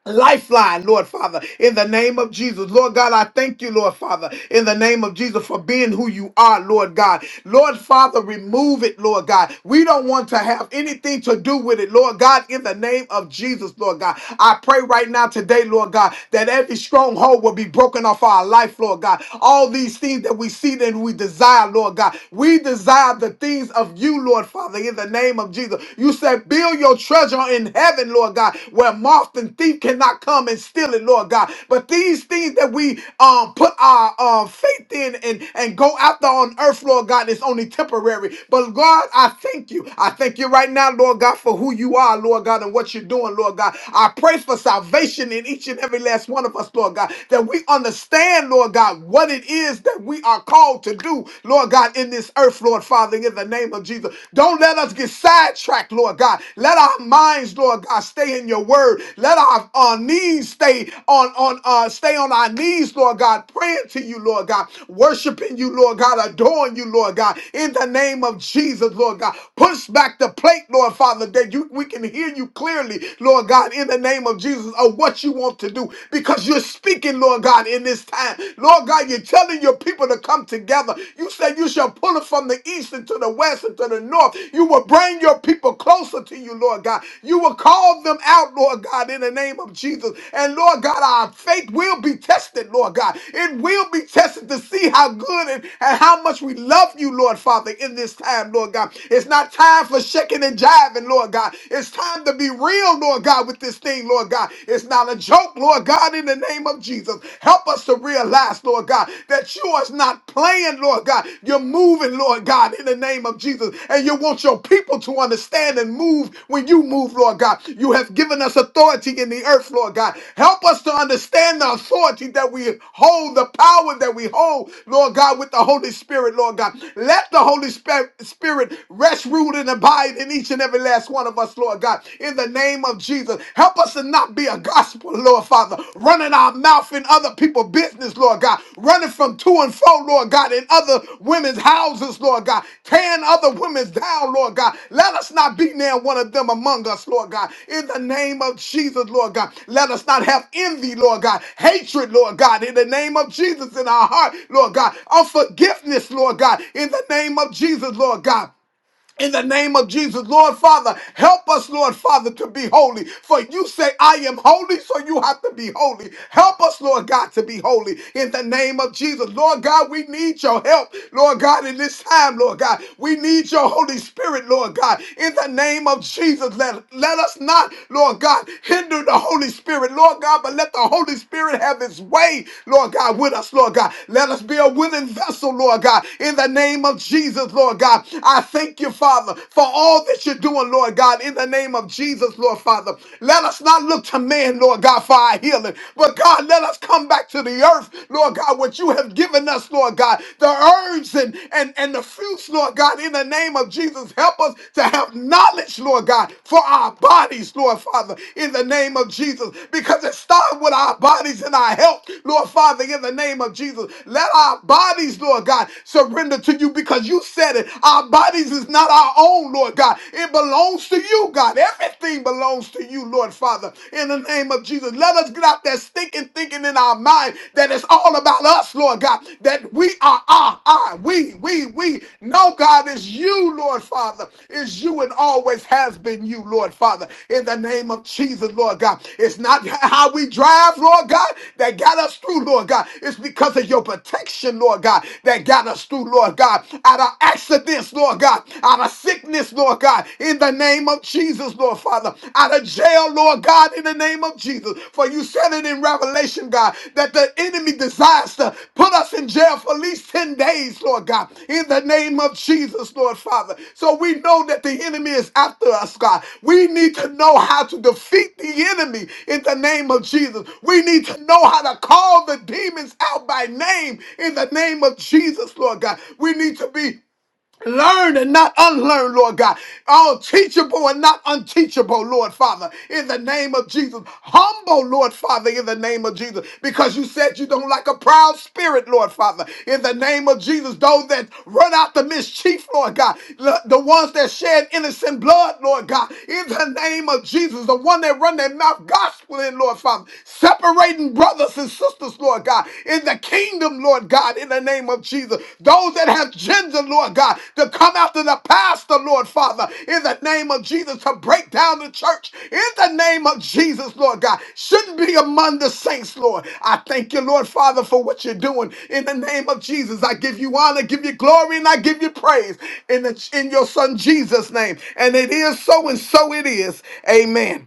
Speaker 7: lifeline, Lord Father, in the name of Jesus. Lord God, I thank you, Lord Father, in the name of Jesus for being who you are, Lord God. Lord Father, remove it, Lord God. We don't want to have anything to do with it, Lord God, in the name of Jesus, Lord God. I pray right now today, Lord God, that every stronghold will be broken off our life, Lord God. All these things that we see and we desire, Lord God. We desire the things of you, Lord Father, in the name of Jesus. You said and build your treasure in heaven, Lord God, where moth and thief cannot come and steal it, Lord God. But these things that we um put our um faith in and, and go after on earth, Lord God, is only temporary. But God, I thank you. I thank you right now, Lord God, for who you are, Lord God, and what you're doing, Lord God. I pray for salvation in each and every last one of us, Lord God, that we understand, Lord God, what it is that we are called to do, Lord God, in this earth, Lord. Father, in the name of Jesus. Don't let us get sidetracked, Lord God. Let our minds, Lord God, stay in your word. Let our, our knees stay on, on uh, stay on our knees, Lord God, praying to you, Lord God, worshiping you, Lord God, adoring you, Lord God, in the name of Jesus, Lord God. Push back the plate, Lord Father, that you we can hear you clearly, Lord God, in the name of Jesus, of what you want to do, because you're speaking, Lord God, in this time. Lord God, you telling your people to come together. You said you shall pull it from the east and to the west and to the north. You will bring your people closer to you, Lord God. You will call them out, Lord God, in the name of Jesus. And Lord God, our faith will be tested, Lord God. It will be tested to see how good and, and how much we love you, Lord Father, in this time, Lord God. It's not time for shaking and jiving, Lord God. It's time to be real, Lord God, with this thing, Lord God. It's not a joke, Lord. Lord God, in the name of Jesus. Help us to realize, Lord God, that you are not playing, Lord God. You're moving, Lord God, in the name of Jesus. And you want your people to understand and move when you move, Lord God. You have given us authority in the earth, Lord God. Help us to understand the authority that we hold, the power that we hold, Lord God, with the Holy Spirit, Lord God. Let the Holy Spirit Spirit rest, rule, and abide in each and every last one of us, Lord God in the name of Jesus. Help us to not be a gospel, Lord Father, running our mouth in other people's business, Lord God, running from to and fro, Lord God, in other women's houses, Lord God, tearing other women's down, Lord God. Let us not be near one of them among us, Lord God, in the name of Jesus, Lord God. Let us not have envy, Lord God, hatred, Lord God, in the name of Jesus in our heart, Lord God, unforgiveness, Lord God, in the name of Jesus, Lord God in the name of Jesus, Lord Father, help us, Lord Father, to be holy. For you say, I am holy, so you have to be holy. Help us, Lord God, to be holy in the name of Jesus. Lord God, we need your help, Lord God, in this time, Lord God. We need your Holy Spirit, Lord God, in the name of Jesus. Let, let us not, Lord God, hinder the Holy Spirit, Lord God, but let the Holy Spirit have his way, Lord God, with us, Lord God. Let us be a willing vessel, Lord God, in the name of Jesus, Lord God. I thank thank you, Father, for all that you're doing, Lord God, in the name of Jesus, Lord Father. Let us not look to man, Lord God, for our healing, but God, let us come back to the earth, Lord God, what you have given us, Lord God, the herbs and, and, and the fruits, Lord God, in the name of Jesus. Help us to have knowledge, Lord God, for our bodies, Lord Father, in the name of Jesus, because it starts with our bodies and our health, Lord Father, in the name of Jesus. Let our bodies, Lord God, surrender to you because you said it. Our our bodies is not our own, Lord God. It belongs to you, God. Everything belongs to you, Lord Father. In the name of Jesus, let us get out that stinking thinking in our mind that it's all about us, Lord God. That we are our, our, we, we, we. No, God, it's you, Lord Father. It's you and always has been you, Lord Father. In the name of Jesus, Lord God. It's not how we drive, Lord God, that got us through, Lord God. It's because of your protection, Lord God, that got us through, Lord God, out of accident accidents, Lord God, out of sickness, Lord God, in the name of Jesus, Lord Father, out of jail, Lord God, in the name of Jesus. For you said it in Revelation, God, that the enemy desires to put us in jail for at least 10 days, Lord God, in the name of Jesus, Lord Father. So we know that the enemy is after us, God. We need to know how to defeat the enemy in the name of Jesus. We need to know how to call the demons out by name in the name of Jesus, Lord God. We need to be Learn and not unlearn, Lord God. All teachable and not unteachable, Lord Father, in the name of Jesus. Humble, Lord Father, in the name of Jesus, because you said you don't like a proud spirit, Lord Father, in the name of Jesus. Those that run out the mischief, Lord God, the the ones that shed innocent blood, Lord God, in the name of Jesus, the one that run their mouth gospel in, Lord Father, separating brothers and sisters, Lord God. God, in the kingdom, Lord God, in the name of Jesus. Those that have gender, Lord God, to come after the pastor, Lord Father, in the name of Jesus, to break down the church, in the name of Jesus, Lord God, shouldn't be among the saints, Lord. I thank you, Lord Father, for what you're doing. In the name of Jesus, I give you honor, give you glory, and I give you praise in, the, in your son Jesus' name. And it is so, and so it is. Amen.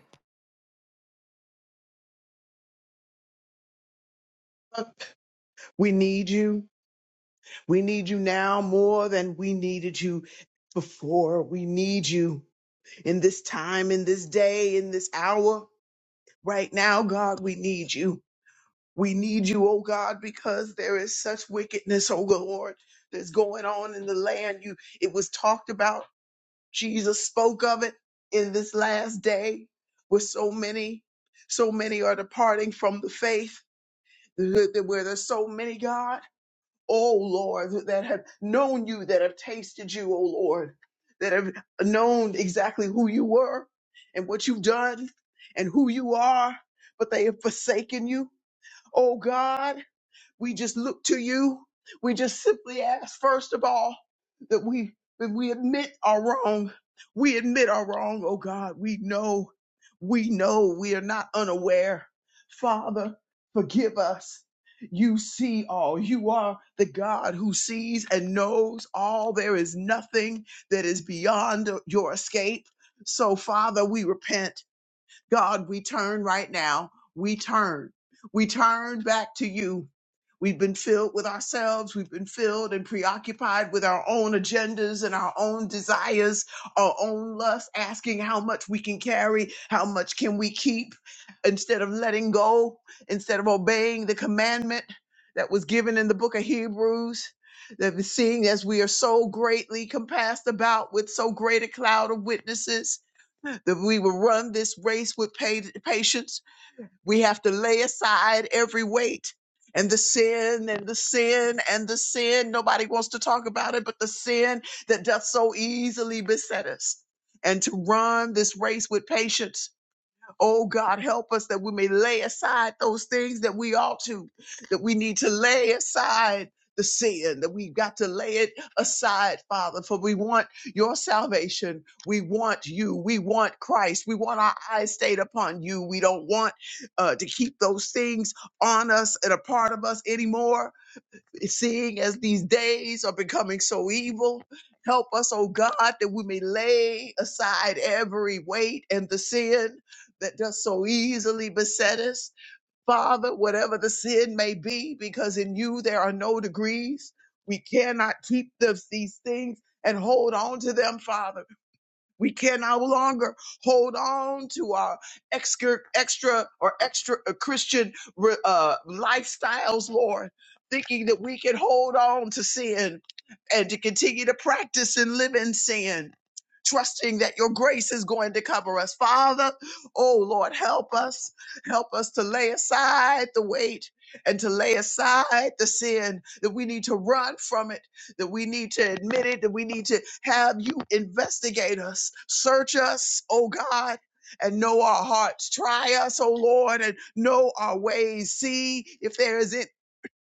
Speaker 8: We need you. We need you now more than we needed you before. We need you in this time, in this day, in this hour. Right now, God, we need you. We need you, oh God, because there is such wickedness, oh Lord, that's going on in the land. You it was talked about. Jesus spoke of it in this last day with so many, so many are departing from the faith. Where there's so many, God. oh Lord, that have known you, that have tasted you, oh Lord, that have known exactly who you were and what you've done and who you are, but they have forsaken you, oh God. We just look to you. We just simply ask, first of all, that we that we admit our wrong. We admit our wrong, oh God. We know, we know we are not unaware. Father, forgive us. You see all. You are the God who sees and knows all. There is nothing that is beyond your escape. So, Father, we repent. God, we turn right now. We turn. We turn back to you. We've been filled with ourselves. We've been filled and preoccupied with our own agendas and our own desires, our own lust, asking how much we can carry, how much can we keep, instead of letting go, instead of obeying the commandment that was given in the book of Hebrews. That is, seeing as we are so greatly compassed about with so great a cloud of witnesses, that we will run this race with patience. We have to lay aside every weight and the sin and the sin and the sin. Nobody wants to talk about it, but the sin that doth so easily beset us. And to run this race with patience Oh God, help us that we may lay aside those things that we ought to, that we need to lay aside the sin, that we've got to lay it aside, Father, for we want your salvation. We want you. We want Christ. We want our eyes stayed upon you. We don't want uh, to keep those things on us and a part of us anymore seeing as these days are becoming so evil. Help us, oh God, that we may lay aside every weight and the sin that does so easily beset us. Father, whatever the sin may be, because in you there are no degrees. We cannot keep this, these things and hold on to them, Father. We can no longer hold on to our extra, extra or extra uh, Christian uh, lifestyles, Lord, thinking that we can hold on to sin and to continue to practice and live in sin, trusting that your grace is going to cover us. Father, oh Lord, help us. Help us to lay aside the weight and to lay aside the sin that we need to run from it that we need to admit it, that we need to have you investigate us, search us, oh God. And know our hearts. Try us, O Lord, and know our ways. See if there is it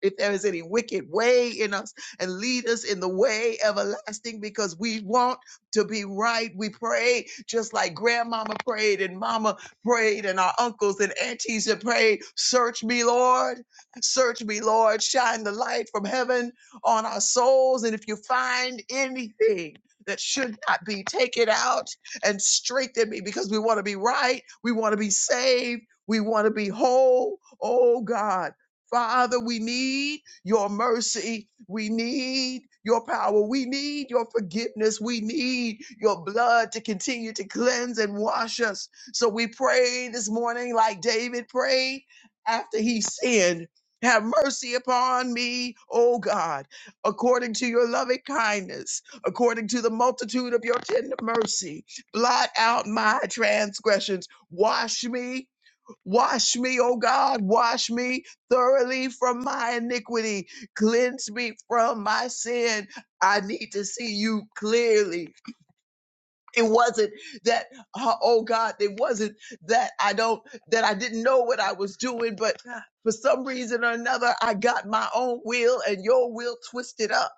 Speaker 8: if there is any wicked way in us and lead us in the way everlasting because we want to be right. We pray just like grandmama prayed and mama prayed and our uncles and aunties have prayed. Search me, Lord. Search me, Lord. Shine the light from heaven on our souls. And if you find anything that should not be, take it out and strengthen me because we want to be right. We want to be saved. We want to be whole. Oh God. Father, we need your mercy. We need your power. We need your forgiveness. We need your blood to continue to cleanse and wash us. So we pray this morning, like David prayed after he sinned. Have mercy upon me, O God, according to your loving kindness, according to the multitude of your tender mercy. Blot out my transgressions. Wash me Wash me, O God, wash me thoroughly from my iniquity. Cleanse me from my sin. I need to see you clearly. It wasn't that, uh, oh God, it wasn't that I don't, that I didn't know what I was doing, but for some reason or another, I got my own will and your will twisted up.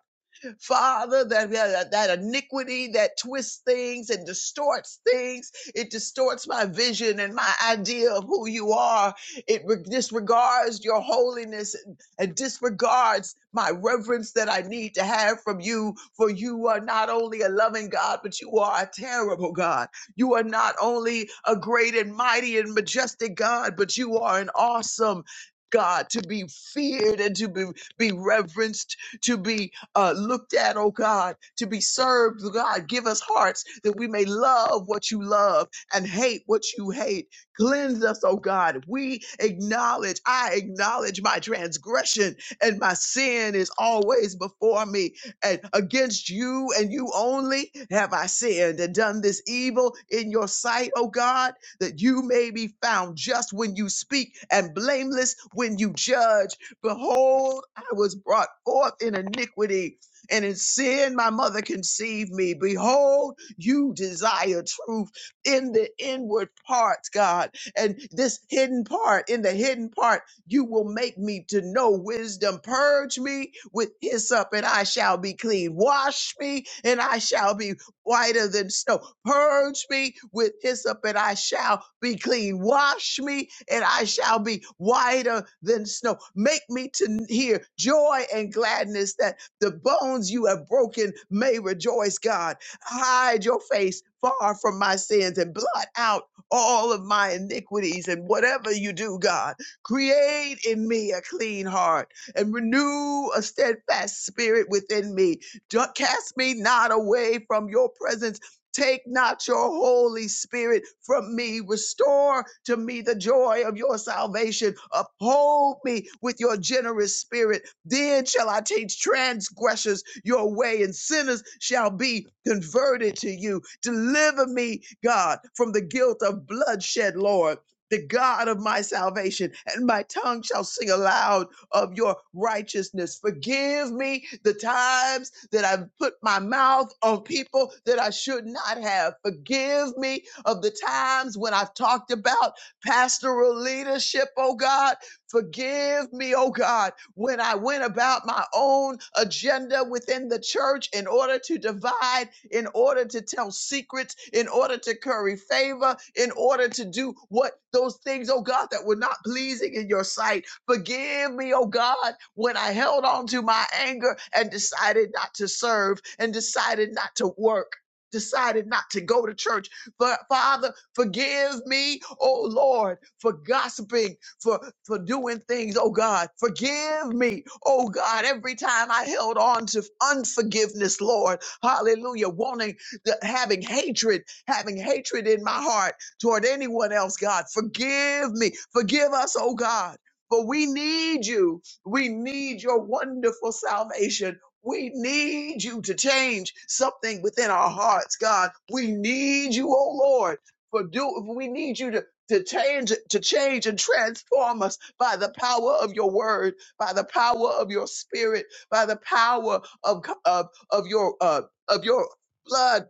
Speaker 8: Father, that, that iniquity that twists things and distorts things. It distorts my vision and my idea of who you are. It disregards your holiness and, and disregards my reverence that I need to have from you. For you are not only a loving God, but you are a terrible God. You are not only a great and mighty and majestic God, but you are an awesome God to be feared and to be, be reverenced, to be uh, looked at, oh God, to be served, oh God. Give us hearts that we may love what you love and hate what you hate. Cleanse us, oh God. We acknowledge, I acknowledge my transgression and my sin is always before me and against you and you only have I sinned and done this evil in your sight, O God, that you may be found just when you speak and blameless when you judge. Behold, I was brought forth in iniquity, and in sin my mother conceived me. Behold, you desire truth in the inward parts, God. And this hidden part, in the hidden part, you will make me to know wisdom. Purge me with hyssop, and I shall be clean. Wash me, and I shall be whiter than snow. Purge me with hyssop, and I shall be clean. Wash me, and I shall be whiter than snow. Make me to hear joy and gladness that the bones you have broken may rejoice, God. Hide your face far from my sins and blot out all of my iniquities and whatever you do, God. Create in me a clean heart and renew a steadfast spirit within me Du- Cast me not away from your presence. Take not your Holy Spirit from me. Restore to me the joy of your salvation. Uphold me with your generous spirit. Then shall I teach transgressors your way, and sinners shall be converted to you. Deliver me, God, from the guilt of bloodshed, Lord. The God of my salvation, and my tongue shall sing aloud of your righteousness. Forgive me the times that I've put my mouth on people that I should not have. Forgive me of the times when I've talked about pastoral leadership, oh God. Forgive me, oh God, when I went about my own agenda within the church in order to divide, in order to tell secrets, in order to curry favor, in order to do what those things, oh God, that were not pleasing in your sight. Forgive me, oh God, when I held on to my anger and decided not to serve and decided not to work. Decided not to go to church. But Father, forgive me, oh Lord, for gossiping, for, for doing things, oh God. Forgive me, oh God, every time I held on to unforgiveness, Lord. Hallelujah. Wanting, the, having hatred, having hatred in my heart toward anyone else, God. Forgive me. Forgive us, oh God. For we need you. We need your wonderful salvation. We need you to change something within our hearts, God. We need you, oh Lord, for do we need you to to change to change and transform us by the power of your word, by the power of your spirit, by the power of of, of your uh, of your blood,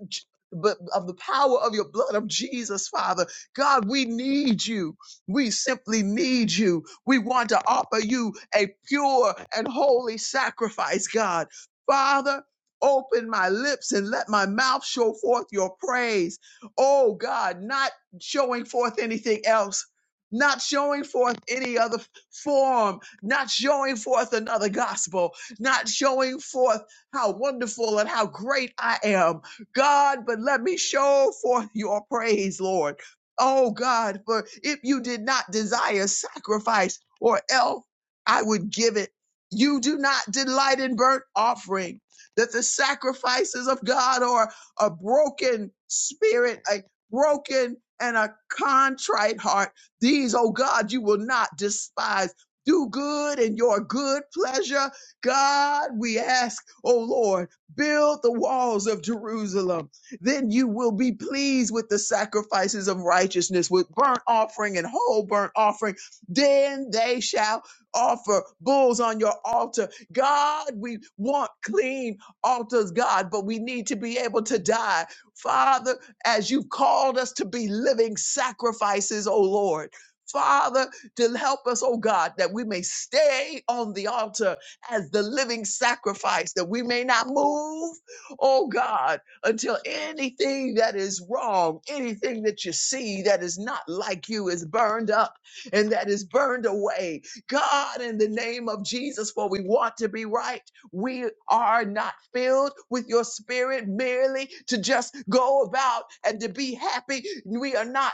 Speaker 8: but of the power of your blood of Jesus, Father. God, we need you. We simply need you. We want to offer you a pure and holy sacrifice, God. Father, open my lips and let my mouth show forth your praise. Oh God, not showing forth anything else. Not showing forth any other form, not showing forth another gospel, not showing forth how wonderful and how great I am, God. But let me show forth your praise, Lord. Oh God, for if you did not desire sacrifice or else I would give it. You do not delight in burnt offering. That the sacrifices of God are a broken spirit, a broken and a contrite heart. These, oh God, you will not despise. Do good in your good pleasure. God, we ask, oh Lord, build the walls of Jerusalem then you will be pleased with the sacrifices of righteousness, with burnt offering and whole burnt offering. Then they shall offer bulls on your altar. God, we want clean altars, God, but we need to be able to die. Father, as you've called us to be living sacrifices, oh Lord. Father, to help us, oh God, that we may stay on the altar as the living sacrifice, that we may not move, oh God, until anything that is wrong, anything that you see that is not like you is burned up and that is burned away. God, in the name of Jesus, for we want to be right. We are not filled with your spirit merely to just go about and to be happy. We are not.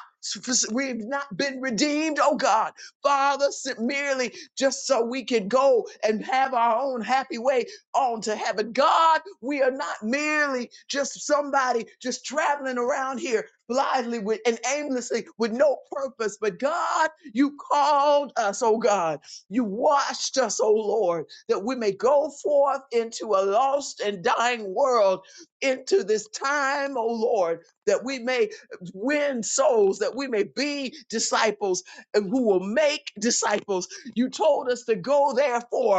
Speaker 8: We've not been redeemed, oh God, Father, s- merely just so we can go and have our own happy way on to heaven. God, we are not merely just somebody just traveling around here blithely with, and aimlessly with no purpose, but God, you called us, oh God. You washed us, oh Lord, that we may go forth into a lost and dying world, into this time, oh Lord, that we may win souls, that we may be disciples and who will make disciples. You told us to go, therefore,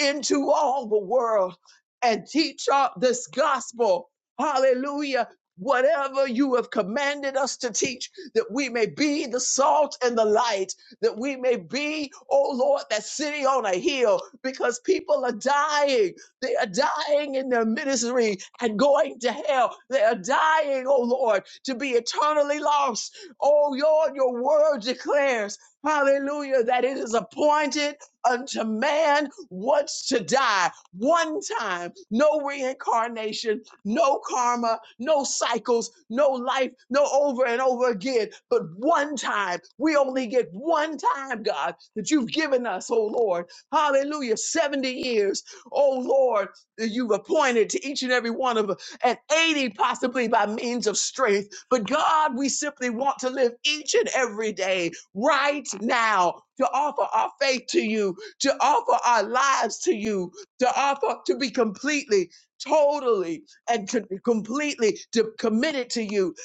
Speaker 8: into all the world and teach uh, this gospel. Hallelujah. Whatever you have commanded us to teach, that we may be the salt and the light, that we may be, oh Lord, that city on a hill, because people are dying. They are dying in their ministry and going to hell. They are dying, oh Lord, to be eternally lost. Oh Lord, your word declares, hallelujah, that it is appointed unto man wants to die one time. No reincarnation, no karma, no cycles, no life, no over and over again, but one time. We only get one time, God, that you've given us, oh Lord. Hallelujah. 70 years, oh Lord, that you've appointed to each and every one of us, and 80 possibly by means of strength. But God, we simply want to live each and every day right now to offer our faith to you to offer our lives to you, to offer to be completely, totally, and co- completely de- committed to you.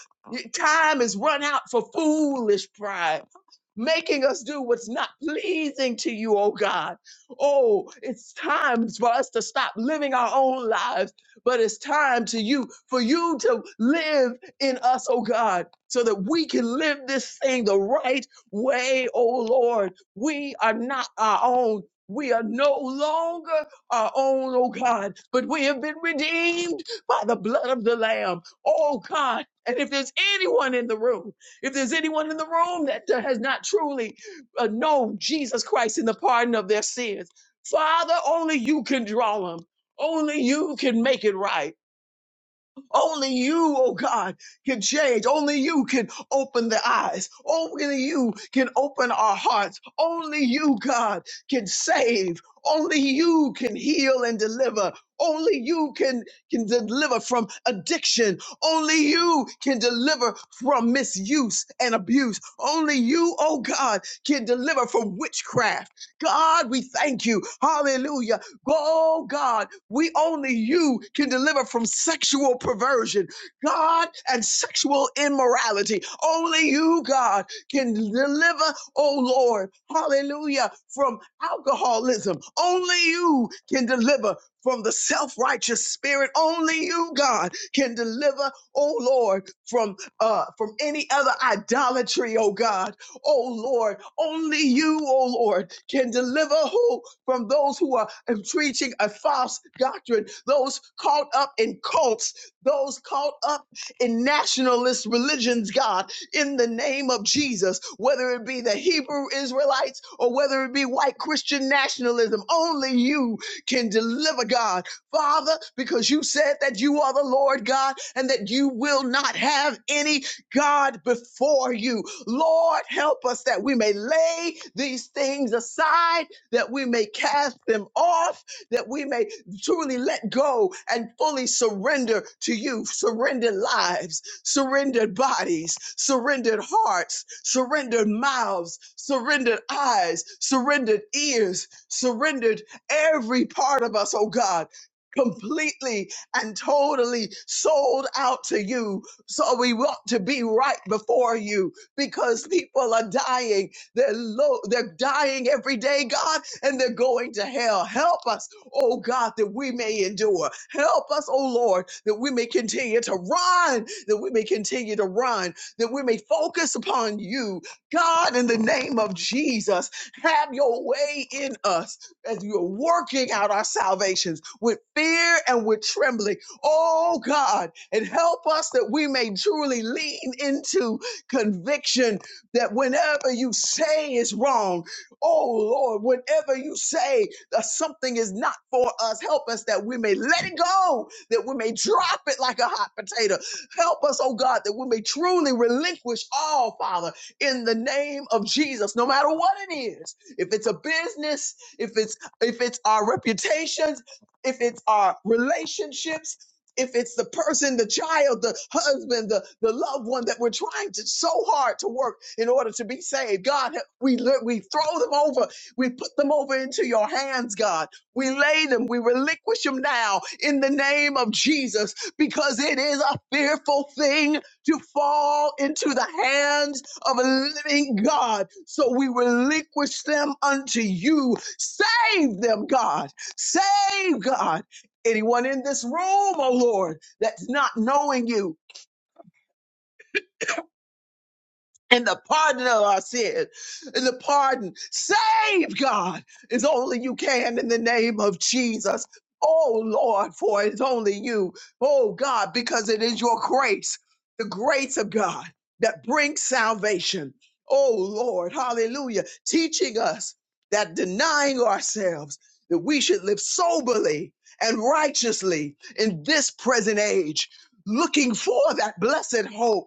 Speaker 8: Time is run out for foolish pride making us do what's not pleasing to you, oh God. Oh, it's time for us to stop living our own lives, but it's time to you for you to live in us, oh God, so that we can live this thing the right way, oh Lord. We are not our own. We are no longer our own, oh God, but we have been redeemed by the blood of the Lamb, oh God. And if there's anyone in the room if there's anyone in the room that has not truly uh, known Jesus Christ in the pardon of their sins, Father, only you can draw them. Only you can make it right. Only you, oh God, can change. Only you can open the eyes. Only you can open our hearts. Only you, God, can save. Only you can heal and deliver. Only you can, can deliver from addiction. Only you can deliver from misuse and abuse. Only you, oh God, can deliver from witchcraft. God, we thank you. Hallelujah. Go, Oh God, we only you can deliver from sexual perversion, God, and sexual immorality. Only you, God, can deliver, oh Lord, hallelujah, from alcoholism. Only you can deliver from the self righteous spirit. Only you, God, can deliver, oh Lord, from uh, from any other idolatry, oh God, oh Lord. Only you, oh Lord can deliver who from those who are um, preaching a false doctrine, those caught up in cults, those caught up in nationalist religions, God, in the name of Jesus, whether it be the Hebrew Israelites or whether it be white Christian nationalism, only you can deliver, God. Father, because you said that you are the Lord God and that you will not have any God before you. Lord, help us that we may lay these things aside, that we may cast them off, that we may truly let go and fully surrender to you. Surrendered lives, surrendered bodies, surrendered hearts, surrendered mouths, surrendered eyes, surrendered ears, surrendered every part of us, oh God. Completely and totally sold out to you. So we want to be right before you because people are dying. They're low, they're dying every day, God, and they're going to hell. Help us, oh God, that we may endure. Help us, oh Lord, that we may continue to run, that we may continue to run, that we may focus upon you. God, in the name of Jesus, have your way in us as you're working out our salvations with fear and with trembling. Oh God, and help us that we may truly lean into conviction that whenever you say is wrong, oh Lord, whenever you say that something is not for us, help us that we may let it go, that we may drop it like a hot potato. Help us, oh God, that we may truly relinquish all, Father, in the name of Jesus, no matter what it is. If it's a business, if it's if it's our reputations, if it's our relationships, if it's the person, the child, the husband, the, the loved one that we're trying to so hard to work in order to be saved, God, we li- we throw them over, we put them over into your hands, God. We lay them, we relinquish them now in the name of Jesus, because it is a fearful thing to fall into the hands of a living God. So we relinquish them unto you. Save them, God. Save God Anyone in this room, oh Lord, that's not knowing you, and the pardon of our sin and the pardon save god is only you can in the name of jesus oh lord for it's only you oh god because it is your grace the grace of god that brings salvation oh lord hallelujah teaching us that denying ourselves that we should live soberly and righteously in this present age looking for that blessed hope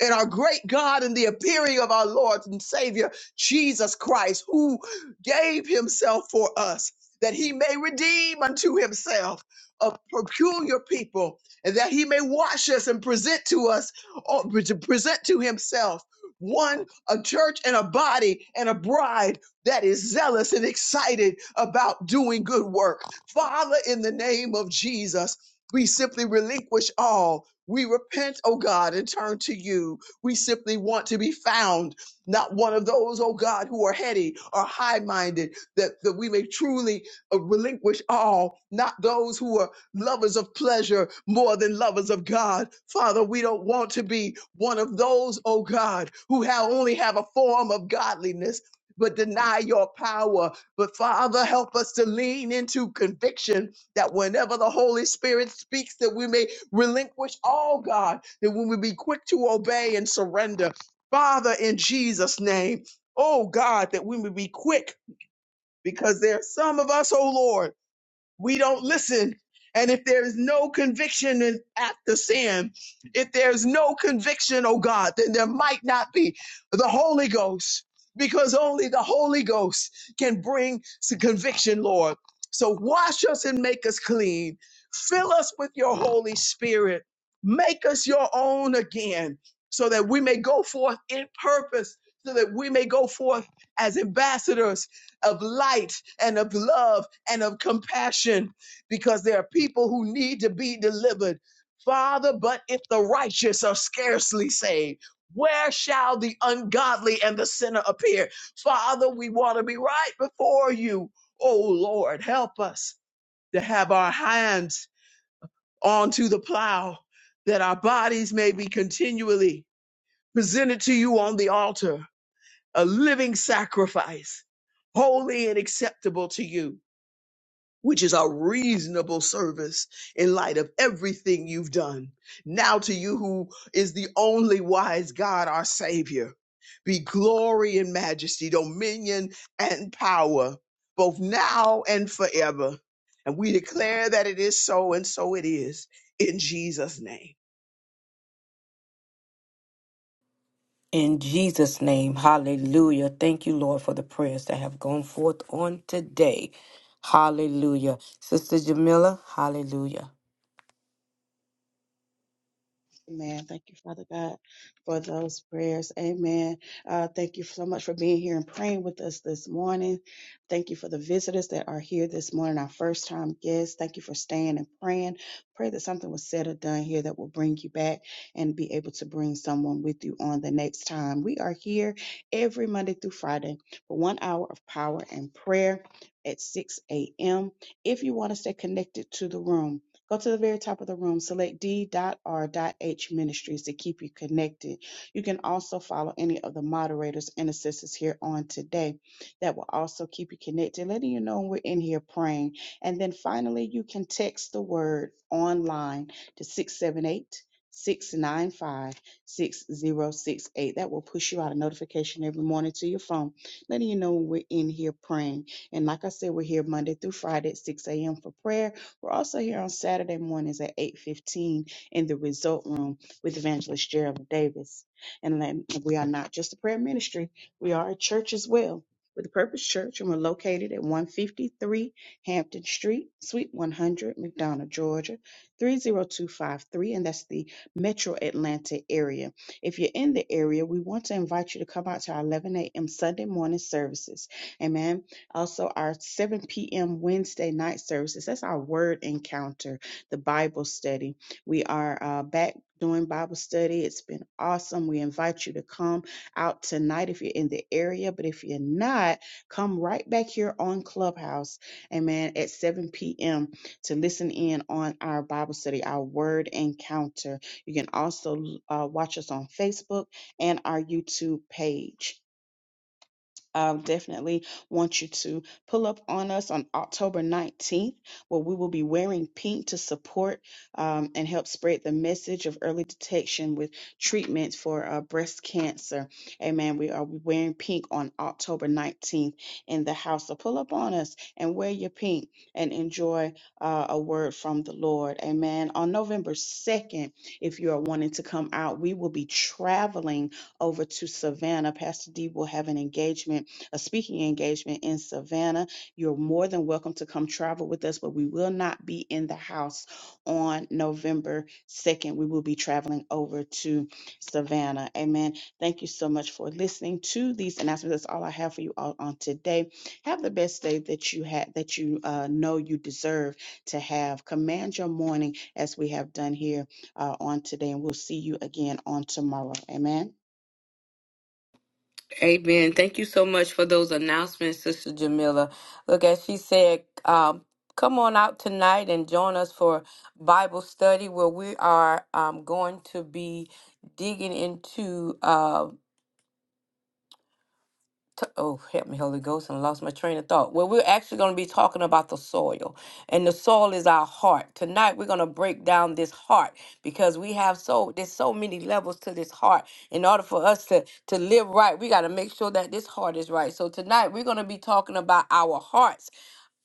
Speaker 8: and our great God and the appearing of our Lord and Savior Jesus Christ, who gave himself for us that he may redeem unto himself a peculiar people and that he may wash us and present to us or to present to himself one a church and a body and a bride that is zealous and excited about doing good work father in the name of jesus we simply relinquish all we repent, oh God, and turn to you. We simply want to be found, not one of those, oh God, who are heady or high minded, that, that we may truly uh, relinquish all, not those who are lovers of pleasure more than lovers of God. Father, we don't want to be one of those, oh God, who have only have a form of godliness. But deny your power. But Father, help us to lean into conviction that whenever the Holy Spirit speaks, that we may relinquish all, God, that we would be quick to obey and surrender. Father, in Jesus' name, oh God, that we would be quick because there are some of us, oh Lord we don't listen. And if there is no conviction in, after sin, if there's no conviction, oh God, then there might not be the Holy Ghost because only the Holy Ghost can bring some conviction, Lord. So wash us and make us clean. Fill us with your Holy Spirit. Make us your own again so that we may go forth in purpose, so that we may go forth as ambassadors of light and of love and of compassion because there are people who need to be delivered. Father, but if the righteous are scarcely saved, where shall the ungodly and the sinner appear? Father, we want to be right before you. Oh Lord, help us to have our hands onto the plow that our bodies may be continually presented to you on the altar, a living sacrifice, holy and acceptable to you which is a reasonable service in light of everything you've done. Now to you who is the only wise God, our Savior, be glory and majesty, dominion and power, both now and forever. And we declare that it is so, and so it is in Jesus' name.
Speaker 3: In Jesus' name, hallelujah. Thank you, Lord, for the prayers that have gone forth on today. Hallelujah. Sister Jamila, hallelujah.
Speaker 2: Amen. Thank you, Father God, for those prayers. Amen. Uh, thank you so much for being here and praying with us this morning. Thank you for the visitors that are here this morning, our first time guests. Thank you for staying and praying. Pray that something was said or done here that will bring you back and be able to bring someone with you on the next time. We are here every Monday through Friday for one hour of power and prayer at 6 a.m. If you want to stay connected to the room, Go to the very top of the room, select D.R.H Ministries to keep you connected. You can also follow any of the moderators and assistants here on today. That will also keep you connected, letting you know when we're in here praying. And then finally, you can text the word online to 678 695 6068. That will push you out a notification every morning to your phone, letting you know when we're in here praying. And like I said, we're here Monday through Friday at 6 a.m. for prayer we're also here on Saturday mornings at 8.15 in the Result Room with Evangelist Gerald Davis. And then we are not just a prayer ministry. We are a church as well. With the Purpose Church, and we're located at 153 Hampton Street, Suite 100, McDonough, Georgia, 30253, and that's the metro Atlanta area. If you're in the area, we want to invite you to come out to our 11 a.m. Sunday morning services. Amen. Also, our 7 p.m. Wednesday night services. That's our word encounter, the Bible study. We are uh, back doing Bible study. It's been awesome. We invite you to come out tonight if you're in the area, but if you're not, come right back here on Clubhouse, amen, at 7 p.m. to listen in on our Bible study, our word encounter. You can also uh, watch us on Facebook and our YouTube page um, definitely want you to pull up on us on October 19th, where we will be wearing pink to support um, and help spread the message of early detection with treatments for uh, breast cancer. Amen. We are wearing pink on October 19th in the house. So pull up on us and wear your pink and enjoy uh, a word from the Lord. Amen. On November 2nd, if you are wanting to come out, we will be traveling over to Savannah. Pastor D will have an engagement a speaking engagement in Savannah. You're more than welcome to come travel with us, but we will not be in the house on November 2nd. We will be traveling over to Savannah. Amen. Thank you so much for listening to these announcements. That's all I have for you all on today. Have the best day that you had that you uh, know you deserve to have. Command your morning as we have done here uh, on today, and we'll see you again on tomorrow. Amen.
Speaker 3: Amen. Thank you so much for those announcements, Sister Jamila. Look, as she said, um, come on out tonight and join us for Bible study where we are um, going to be digging into. uh, t- oh help me holy ghost and I lost my train of thought well we're actually going to be talking about the soil and the soil is our heart tonight we're going to break down this heart because we have so there's so many levels to this heart in order for us to to live right we got to make sure that this heart is right so tonight we're going to be talking about our hearts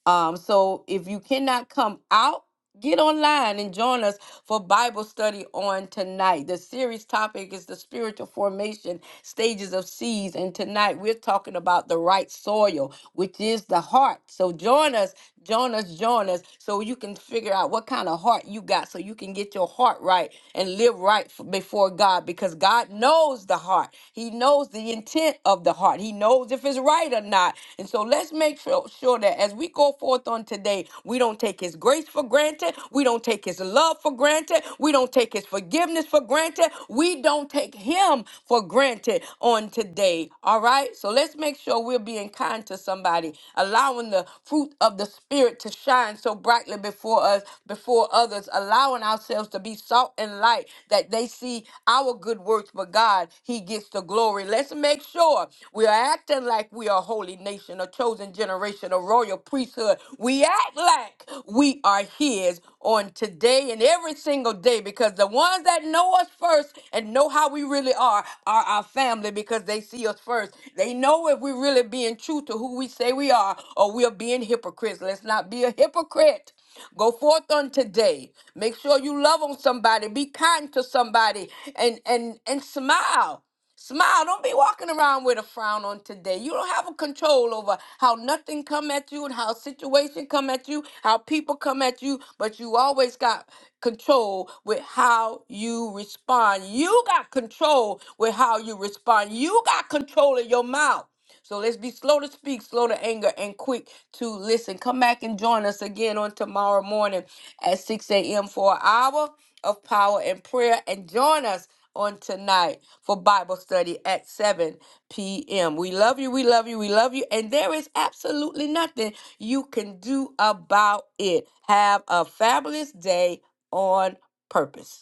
Speaker 3: um, so if you cannot come out, get online and join us for Bible study on tonight. The series topic is the spiritual formation stages of seeds. And tonight we're talking about the right soil, which is the heart. So join us, join us, join us so you can figure out what kind of heart you got so you can get your heart right and live right f- before God because God knows the heart. He knows the intent of the heart. He knows if it's right or not. And so let's make sure, sure that as we go forth on today, we don't take his grace for granted. We don't take his love for granted. We don't take his forgiveness for granted. We don't take him for granted on today. All right? So let's make sure we're being kind to somebody, allowing the fruit of the Spirit to shine so brightly before us, before others, allowing ourselves to be salt and light that they see our good works, but God, he gets the glory. Let's make sure we are acting like we are a holy nation, a chosen generation, a royal priesthood. We act like we are His on today and every single day because the ones that know us first and know how we really are are our family because they see us first. They know if we're really being true to who we say we are or we're being hypocrites. Let's not be a hypocrite. Go forth on today. Make sure you love on somebody. Be kind to somebody and and and smile. Smile. Don't be walking around with a frown on today. You don't have a control over how nothing come at you and how situation come at you, how people come at you, but you always got control with how you respond. You got control with how you respond. You got control of your mouth. So let's be slow to speak, slow to anger, and quick to listen. Come back and join us again on tomorrow morning at 6 a.m. for an hour of power and prayer. And join us on tonight for Bible study at 7 p.m. We love you, we love you, we love you, and there is absolutely nothing you can do about it. Have a fabulous day on purpose.